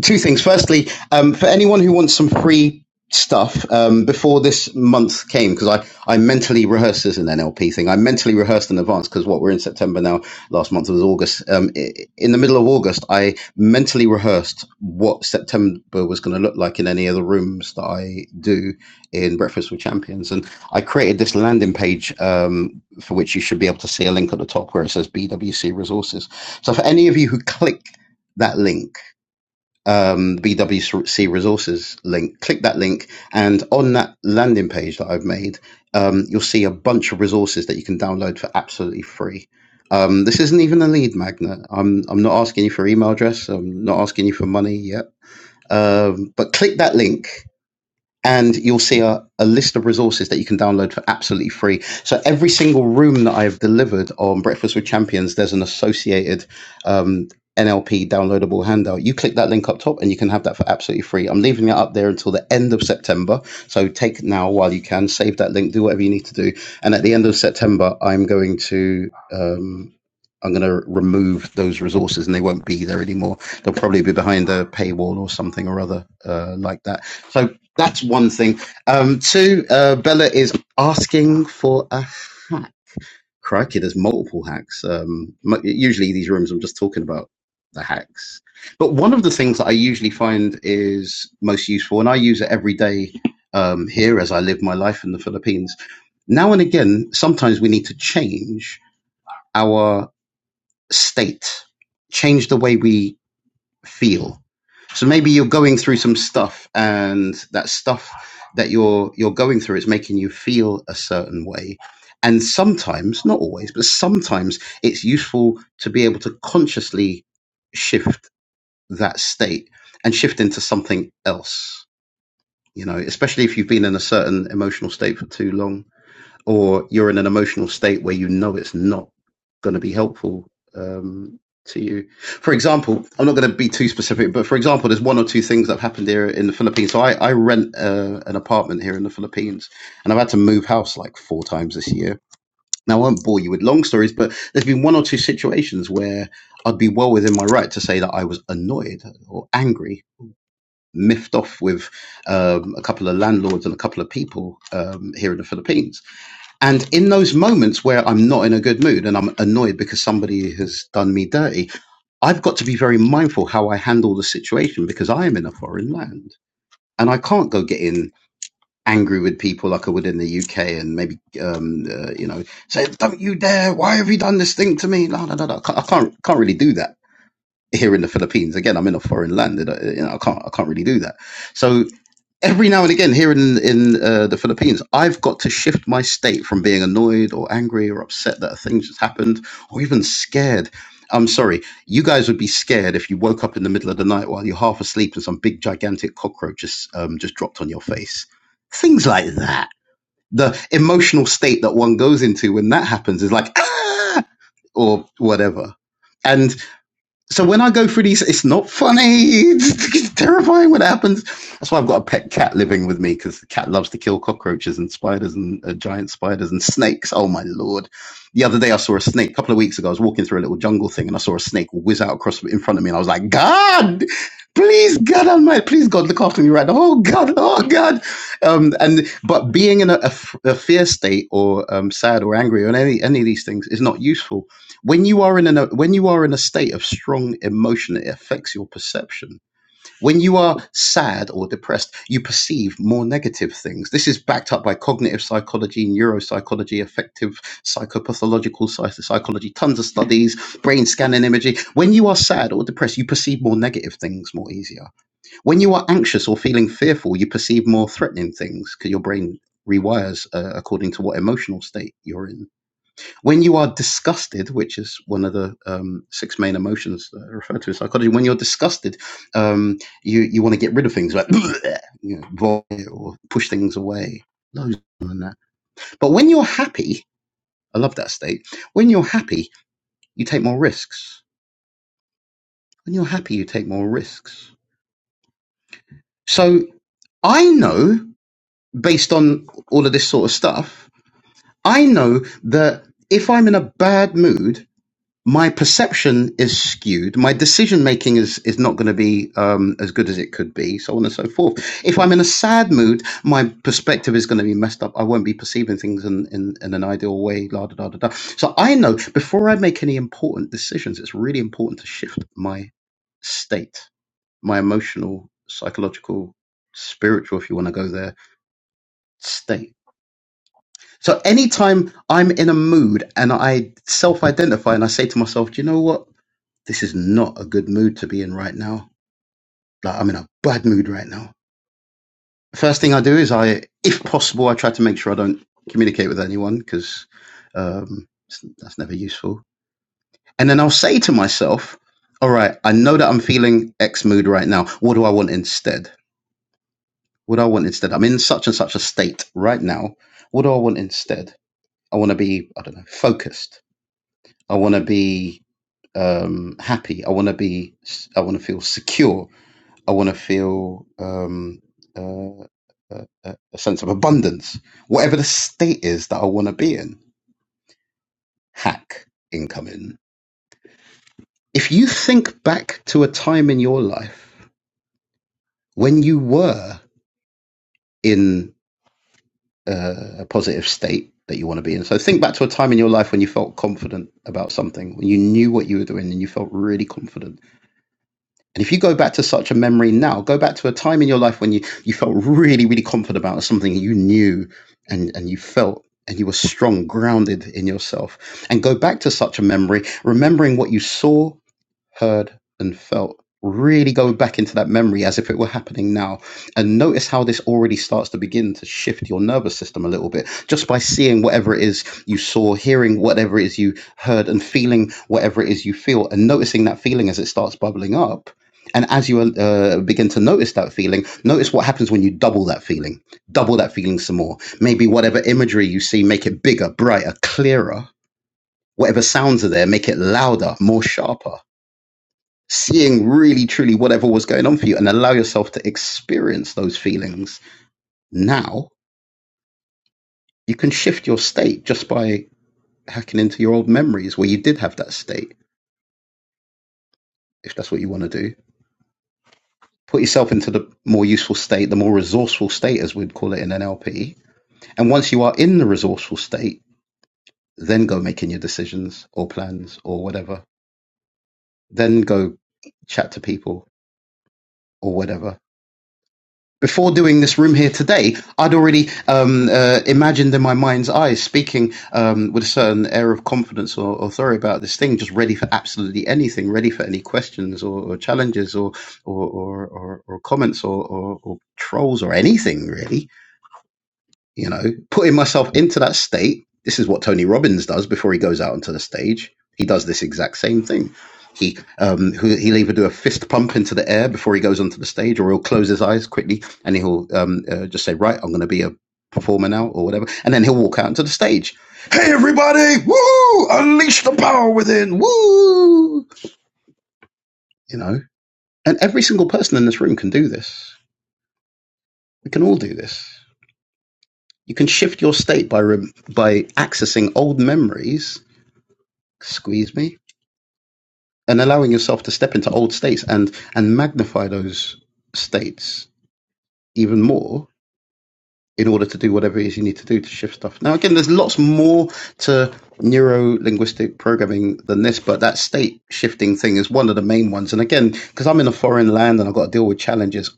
[SPEAKER 1] two things. Firstly, um, for anyone who wants some free stuff um, before this month came, because I, I mentally rehearsed as an NLP thing. I mentally rehearsed in advance because what we're in September now. Last month was August. Um, i- in the middle of August, I mentally rehearsed what September was going to look like in any of the rooms that I do in Breakfast with Champions, and I created this landing page um, for which you should be able to see a link at the top where it says BWC Resources. So for any of you who click that link um, BWC resources link. Click that link, and on that landing page that I've made, um, you'll see a bunch of resources that you can download for absolutely free. Um, this isn't even a lead magnet. I'm I'm not asking you for email address. I'm not asking you for money yet. Um, but click that link and you'll see a, a list of resources that you can download for absolutely free. So every single room that I've delivered on Breakfast with Champions, there's an associated um, NLP downloadable handout. You click that link up top and you can have that for absolutely free. I'm leaving it up there until the end of September. So take now while you can, save that link, do whatever you need to do. And at the end of September, I'm going to. Um, I'm going to remove those resources and they won't be there anymore. They'll probably be behind a paywall or something or other uh, like that. So that's one thing. Um, two, uh, Bella is asking for a hack. Crikey, there's multiple hacks. Um, mu- usually these rooms, I'm just talking about the hacks. But one of the things that I usually find is most useful, and I use it every day um, here as I live my life in the Philippines. Now and again, sometimes we need to change our state, change the way we feel. So maybe you're going through some stuff, and that stuff that you're you're going through is making you feel a certain way. And sometimes, not always, but sometimes it's useful to be able to consciously shift that state and shift into something else. You know, especially if you've been in a certain emotional state for too long or you're in an emotional state where you know it's not going to be helpful um, to you. For example, I'm not going to be too specific, but for example, there's one or two things that have happened here in the Philippines. So I, I rent uh, an apartment here in the Philippines, and I've had to move house like four times this year. Now, I won't bore you with long stories, but there's been one or two situations where I'd be well within my right to say that I was annoyed or angry, miffed off with um, a couple of landlords and a couple of people um, here in the Philippines and in those moments where I'm not in a good mood and I'm annoyed because somebody has done me dirty, I've got to be very mindful how I handle the situation because I am in a foreign land and I can't go getting angry with people like I would in the UK and maybe, um, uh, you know, say, don't you dare. Why have you done this thing to me? No, no, no, no. I can't, I can't can't really do that here in the Philippines. Again, I'm in a foreign land. and I- You know, I can't, I can't really do that. So every now and again here in in uh, the Philippines, I've got to shift my state from being annoyed or angry or upset that a thing just happened, or even scared. I'm sorry, you guys would be scared if you woke up in the middle of the night while you're half asleep and some big gigantic cockroach just um, just dropped on your face. Things like that. The emotional state that one goes into when that happens is like ah or whatever. and so when I go through these, it's not funny. It's, it's terrifying what happens. That's why I've got a pet cat living with me because the cat loves to kill cockroaches and spiders and uh, giant spiders and snakes. Oh my lord! The other day I saw a snake. A couple of weeks ago, I was walking through a little jungle thing and I saw a snake whiz out across in front of me, and I was like, God, please, God Almighty, please, God, look after me right now. Oh God, oh God. Um, and but being in a, a f- a fear state or um, sad or angry or any any of these things is not useful when you are in an when you are in a state of strong emotion it affects your perception when you are sad or depressed you perceive more negative things this is backed up by cognitive psychology neuropsychology affective psychopathological psy- psychology tons of studies brain scanning imaging when you are sad or depressed you perceive more negative things more easier when you are anxious or feeling fearful you perceive more threatening things because your brain rewires uh, according to what emotional state you're in when you are disgusted, which is one of the um, six main emotions that are referred to in psychology, when you're disgusted, um, you you want to get rid of things like you know, vomit or push things away. Loads and that. But when you're happy, I love that state. When you're happy, you take more risks. When you're happy, you take more risks. So I know, based on all of this sort of stuff, I know that if I'm in a bad mood my perception is skewed. My decision making is is not going to be um, as good as it could be, so on and so forth. If I'm in a sad mood, my perspective is going to be messed up. I won't be perceiving things in, in, in an ideal way. La da da da da. So I know before I make any important decisions, it's really important to shift my state, my emotional, psychological, spiritual, if you want to go there, state so anytime I'm in a mood and I self-identify and I say to myself, do you know what? This is not a good mood to be in right now. Like I'm in a bad mood right now. First thing I do is I, if possible, I try to make sure I don't communicate with anyone because um, that's never useful. And then I'll say to myself, all right, I know that I'm feeling X mood right now. What do I want instead? What do I want instead? I'm in such and such a state right now. What do I want instead? I want to be, I don't know, focused. I want to be um, happy. I want to be. I want to feel secure. I want to feel um, uh, a, a a sense of abundance. Whatever the state is that I want to be in. Hack incoming. If you think back to a time in your life when you were in uh, a positive state that you want to be in. So think back to a time in your life when you felt confident about something, when you knew what you were doing and you felt really confident And if you go back to such a memory now, go back to a time in your life when you, you felt really, really confident about something you knew and, and you felt and you were strong, grounded in yourself. And go back to such a memory, remembering what you saw, heard, and felt. Really going back into that memory as if it were happening now. And notice how this already starts to begin to shift your nervous system a little bit just by seeing whatever it is you saw, hearing whatever it is you heard, and feeling whatever it is you feel, and noticing that feeling as it starts bubbling up. And as you uh, begin to notice that feeling, notice what happens when you double that feeling, double that feeling some more. Maybe whatever imagery you see, make it bigger, brighter, clearer. Whatever sounds are there, make it louder, more sharper seeing really truly whatever was going on for you and allow yourself to experience those feelings now you can shift your state just by hacking into your old memories where you did have that state if that's what you want to do put yourself into the more useful state the more resourceful state as we'd call it in NLP. and once you are in the resourceful state then go making your decisions or plans or whatever then go chat to people or whatever before doing this room here today, I'd already um, uh, imagined in my mind's eye speaking um, with a certain air of confidence or authority about this thing, just ready for absolutely anything, ready for any questions or, or challenges or or, or, or or comments or, or, or trolls or anything really you know, putting myself into that state. This is what Tony Robbins does before he goes out onto the stage. He does this exact same thing. He um, he'll either do a fist pump into the air before he goes onto the stage, or he'll close his eyes quickly and he'll um, uh, just say, "Right, I'm going to be a performer now," or whatever, and then he'll walk out onto the stage. Hey, everybody! Woo! Unleash the power within! Woo! You know, and every single person in this room can do this. We can all do this. You can shift your state by rem- by accessing old memories. Squeeze me, and allowing yourself to step into old states and and magnify those states even more in order to do whatever it is you need to do to shift stuff. Now, again, there's lots more to neuro linguistic programming than this, but that state shifting thing is one of the main ones. And again, because I'm in a foreign land and I've got to deal with challenges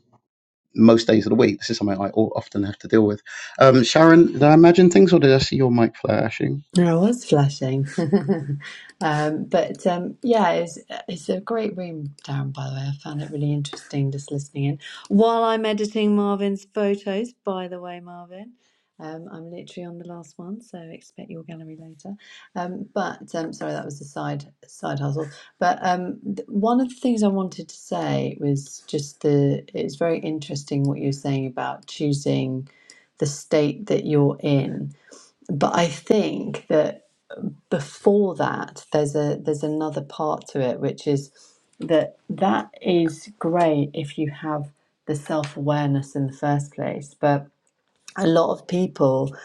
[SPEAKER 1] most days of the week, this is something I o- often have to deal with. Um, Sharon, did I imagine things or did I see your mic flashing?
[SPEAKER 7] I was flashing. um, but um, yeah, it's, it's a great room, Darren, by the way. I found it really interesting just listening in. While I'm editing Marvin's photos, by the way, Marvin, um, I'm literally on the last one, so expect your gallery later. Um, but um, sorry, that was a side side hustle. But um, th- one of the things I wanted to say was just the it's very interesting what you're saying about choosing the state that you're in but I think that before that, there's a there's another part to it, which is that that is great if you have the self awareness in the first place. But a lot of people,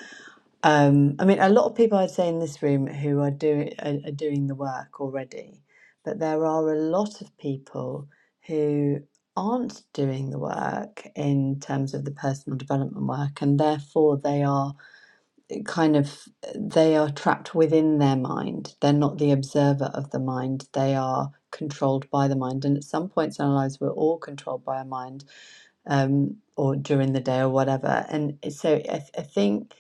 [SPEAKER 7] um, I mean, a lot of people I'd say in this room who are doing are, are doing the work already, but there are a lot of people who aren't doing the work in terms of the personal development work, and therefore they are kind of they are trapped within their mind. They're not the observer of the mind. They are controlled by the mind. And at some points in our lives, we're all controlled by our mind, um, or during the day or whatever. And so I, th- I think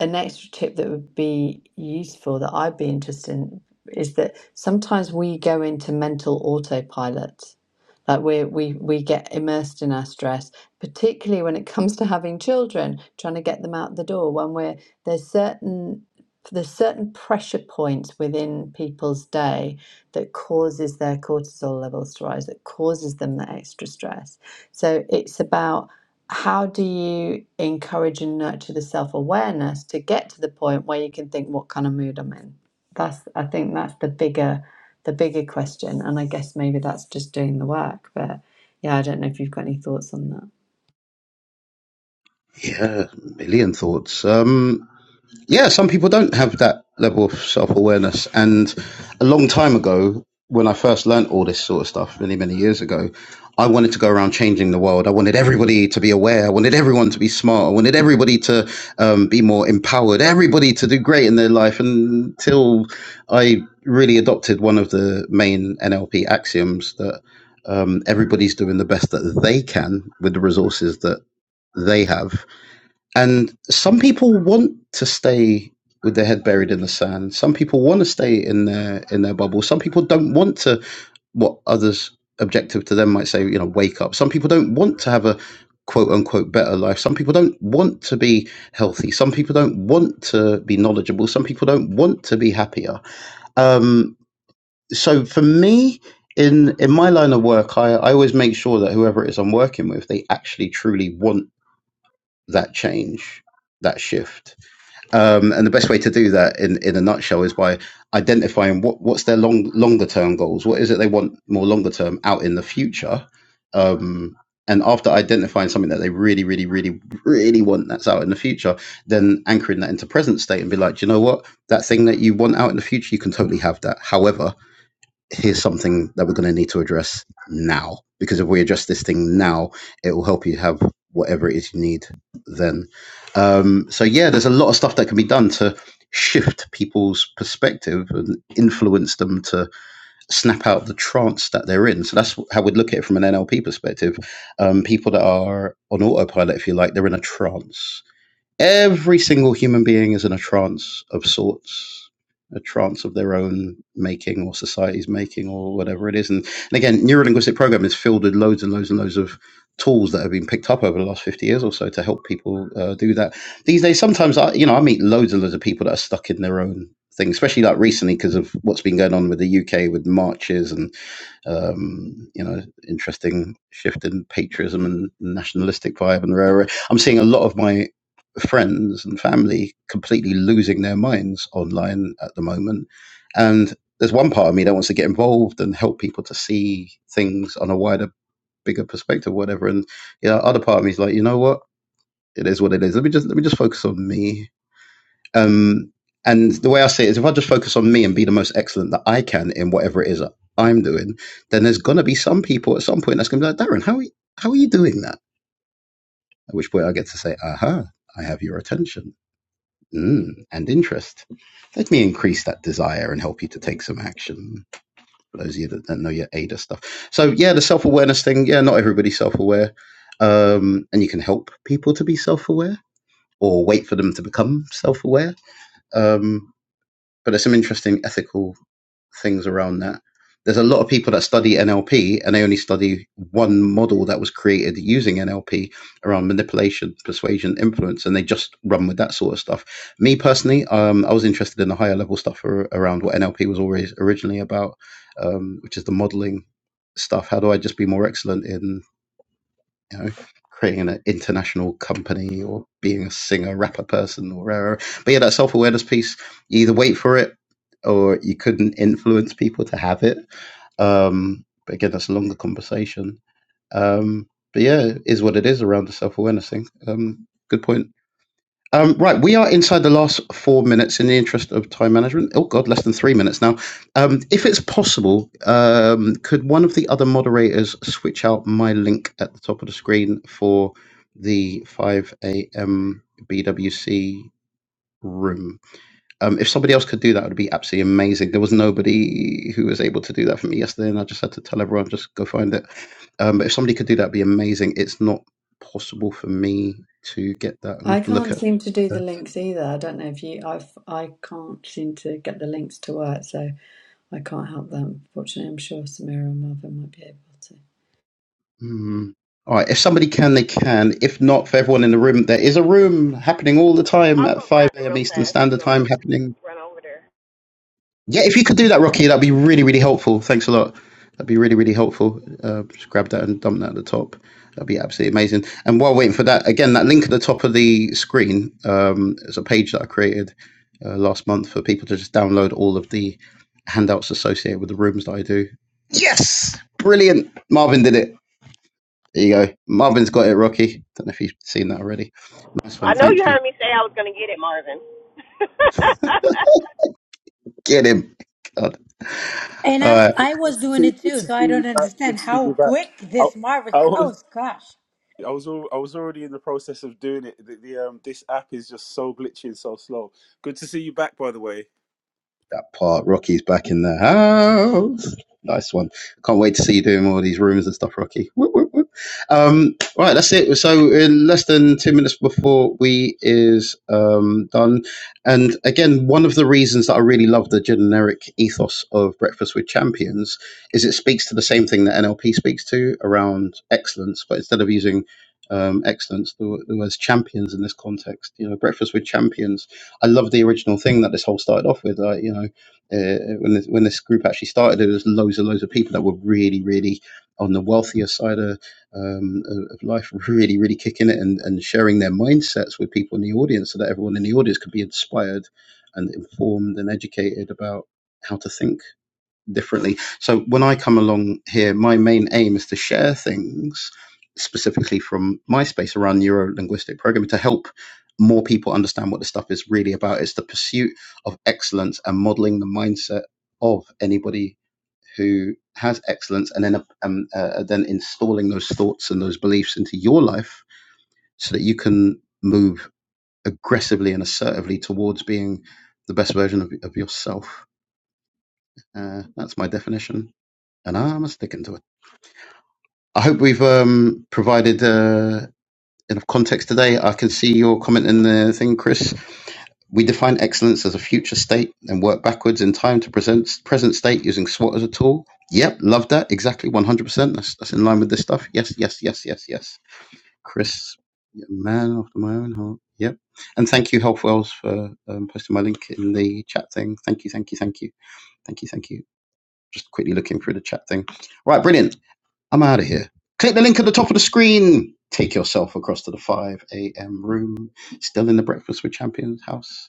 [SPEAKER 7] an extra tip that would be useful that I'd be interested in is that sometimes we go into mental autopilot. Like we we we get immersed in our stress, particularly when it comes to having children, trying to get them out the door. When we're there's certain there's certain pressure points within people's day that causes their cortisol levels to rise, that causes them that extra stress. So it's about how do you encourage and nurture the self-awareness to get to the point where you can think what kind of mood I'm in? That's I think that's the bigger the bigger question and I guess maybe that's just doing the work but yeah I don't know if you've got any thoughts on that.
[SPEAKER 1] Yeah, a million thoughts. Um, yeah, some people don't have that level of self awareness. And a long time ago, when I first learnt all this sort of stuff, many, many years ago, I wanted to go around changing the world. I wanted everybody to be aware. I wanted everyone to be smart. I wanted everybody to um, be more empowered, everybody to do great in their life until I really adopted one of the main NLP axioms that um, everybody's doing the best that they can with the resources that they have and some people want to stay with their head buried in the sand. Some people want to stay in their in their bubble. Some people don't want to what others objective to them might say, you know, wake up. Some people don't want to have a quote unquote better life. Some people don't want to be healthy. Some people don't want to be knowledgeable. Some people don't want to be happier. Um, so for me, in in my line of work, I, I always make sure that whoever it is I'm working with, they actually truly want that change, that shift um, and the best way to do that in, in a nutshell is by identifying what, what's their long longer term goals. What is it they want more longer term out in the future? Um, and after identifying something that they really, really, really, really want that's out in the future, then anchoring that into present state and be like, do you know what? That thing that you want out in the future, you can totally have that. However, here's something that we're going to need to address now because if we address this thing now it will help you have whatever it is you need then um, so yeah there's a lot of stuff that can be done to shift people's perspective and influence them to snap out the trance that they're in so that's how we'd look at it from an nlp perspective um, people that are on autopilot if you like they're in a trance Every single human being is in a trance of sorts, a trance of their own making or society's making or whatever it is. And, and again, neurolinguistic programming is filled with loads and loads and loads of tools that have been picked up over the last 50 years or so to help people uh, do that. These days, sometimes I, you know, I meet loads and loads of people that are stuck in their own thing, especially like recently because of what's been going on with the UK with marches and um, you know, interesting shift in patriotism and nationalistic vibe and rare. I'm seeing a lot of my friends and family completely losing their minds online at the moment. And there's one part of me that wants to get involved and help people to see things on a wider, bigger perspective, whatever. And yeah, you know, other part of me is like, you know what? It is what it is. Let me just let me just focus on me um, and the way I say it is, if I just focus on me and be the most excellent that I can in whatever it is that I'm doing, then there's gonna be some people at some point that's gonna be like, Darren, how are you, how are you doing that? At which point I get to say, aha, I have your attention mm, and interest. Let me increase that desire and help you to take some action. For those of you that don't know your ADA stuff, so yeah, the self awareness thing. Yeah, not everybody's self aware, um, and you can help people to be self aware or wait for them to become self aware. but there's some interesting ethical things around that. There's a lot of people that study NLP and they only study one model that was created using NLP around manipulation, persuasion, influence, and they just run with that sort of stuff. Me personally, um, I was interested in the higher level stuff around what NLP was always originally about, um, which is the modeling stuff. How do I just be more excellent in? you know, creating an international company or being a singer, rapper person or whatever. But yeah, that self awareness piece, you either wait for it or you couldn't influence people to have it. Um, but again, that's a longer conversation. Um, but yeah, it is what it is around the self awareness thing. Um, good point. Um, right, we are inside the last four minutes in the interest of time management. Oh, God, less than three minutes now. Um, if it's possible, um, could one of the other moderators switch out my link at the top of the screen for the 5 a.m. BWC room? Um, if somebody else could do that, it would be absolutely amazing. There was nobody who was able to do that for me yesterday, and I just had to tell everyone just go find it. Um, but if somebody could do that, it'd be amazing. It's not possible for me to get that. I'm going to
[SPEAKER 7] I
[SPEAKER 1] have to look
[SPEAKER 7] can't
[SPEAKER 1] at
[SPEAKER 7] seem to do the links either. I don't know if you I've I can't seem to get the links to work so I can't help them. Fortunately I'm sure Samira and Marvin might be able to.
[SPEAKER 1] Mm. All right. If somebody can, they can. If not, for everyone in the room, there is a room happening all the time
[SPEAKER 5] I'll
[SPEAKER 1] at
[SPEAKER 5] go
[SPEAKER 1] 5
[SPEAKER 5] grab it
[SPEAKER 1] a.m.
[SPEAKER 5] real
[SPEAKER 1] Eastern
[SPEAKER 5] fast if you
[SPEAKER 1] Standard
[SPEAKER 5] want me
[SPEAKER 1] Time
[SPEAKER 5] to
[SPEAKER 1] happening.
[SPEAKER 5] run over there.
[SPEAKER 1] Yeah, if you could do that, Rocky, that'd be really, really helpful. Thanks a lot. That'd be really, really helpful. Uh, just grab that and dump that at the top. That'd be absolutely amazing. And while waiting for that, again, that link at the top of the screen um, is a page that I created uh, last month for people to just download all of the handouts associated with the rooms that I do. Yes! Brilliant. Marvin did it. There you go. Marvin's got it, Rocky. Don't know if you've seen that already. Nice one.
[SPEAKER 5] I know you
[SPEAKER 1] Thank you.
[SPEAKER 5] heard me say I was gonna get it, Marvin.
[SPEAKER 1] Get him. God.
[SPEAKER 8] And
[SPEAKER 1] All
[SPEAKER 8] I,
[SPEAKER 1] right.
[SPEAKER 8] I
[SPEAKER 9] Good
[SPEAKER 8] was
[SPEAKER 9] to
[SPEAKER 8] doing
[SPEAKER 9] see,
[SPEAKER 8] it
[SPEAKER 9] good
[SPEAKER 8] too,
[SPEAKER 9] to see
[SPEAKER 8] so I
[SPEAKER 9] you
[SPEAKER 8] don't
[SPEAKER 9] back. Good
[SPEAKER 8] understand
[SPEAKER 9] to see
[SPEAKER 8] how
[SPEAKER 9] you back.
[SPEAKER 8] quick
[SPEAKER 9] I,
[SPEAKER 8] this Marvin
[SPEAKER 9] I was,
[SPEAKER 8] goes. Gosh.
[SPEAKER 9] I was, al- I was already in the process of doing it. The, the um, this app is just so glitchy and so slow. Good to see you back, by the way.
[SPEAKER 1] that part. Rocky's back in the house. Nice one. Can't wait to see you doing all these rooms and stuff, Rocky. Whoop, whoop, whoop. Um, right, that's it. So in less than two minutes before we is um, done, and again, one of the reasons that I really love the generic ethos of Breakfast with Champions is it speaks to the same thing that NLP speaks to around excellence, but instead of using um, excellence, the, the words champions in this context, you know, Breakfast with Champions I love the original thing that this whole started off with. Like, you know, uh, when this, when this group actually started, there was loads and loads of people that were really, really on the wealthier side of, um, of life, really, really kicking it and, and sharing their mindsets with people in the audience, so that everyone in the audience could be inspired and informed and educated about how to think differently. So when I come along here, my main aim is to share things specifically from my space around neuro linguistic programming to help more people understand what this stuff is really about. It's the pursuit of excellence and modeling the mindset of anybody who has excellence and then um, uh, then installing those thoughts and those beliefs into your life so that you can move aggressively and assertively towards being the best version of, of yourself. Uh, that's my definition and I'm sticking to it. I hope we've um, provided uh, enough context today. I can see your comment in the thing, Chris. We define excellence as a future state and work backwards in time to present present state using SWOT as a tool. Yep, love that. Exactly, 100%. That's, that's in line with this stuff. Yes, yes, yes, yes, yes. Chris, yeah, man after my own heart. Yep. And thank you, Health Wells, for um, posting my link in the chat thing. Thank you, thank you, thank you. Thank you, thank you. Just quickly looking through the chat thing. Right, brilliant. I'm out of here. Click the link at the top of the screen. Take yourself across to the 5 a.m. room. Still in the Breakfast with Champions house.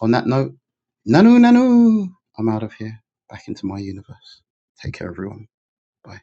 [SPEAKER 1] On that note, nanu nanu. I'm out of here. Back into my universe. Take care, everyone. Bye.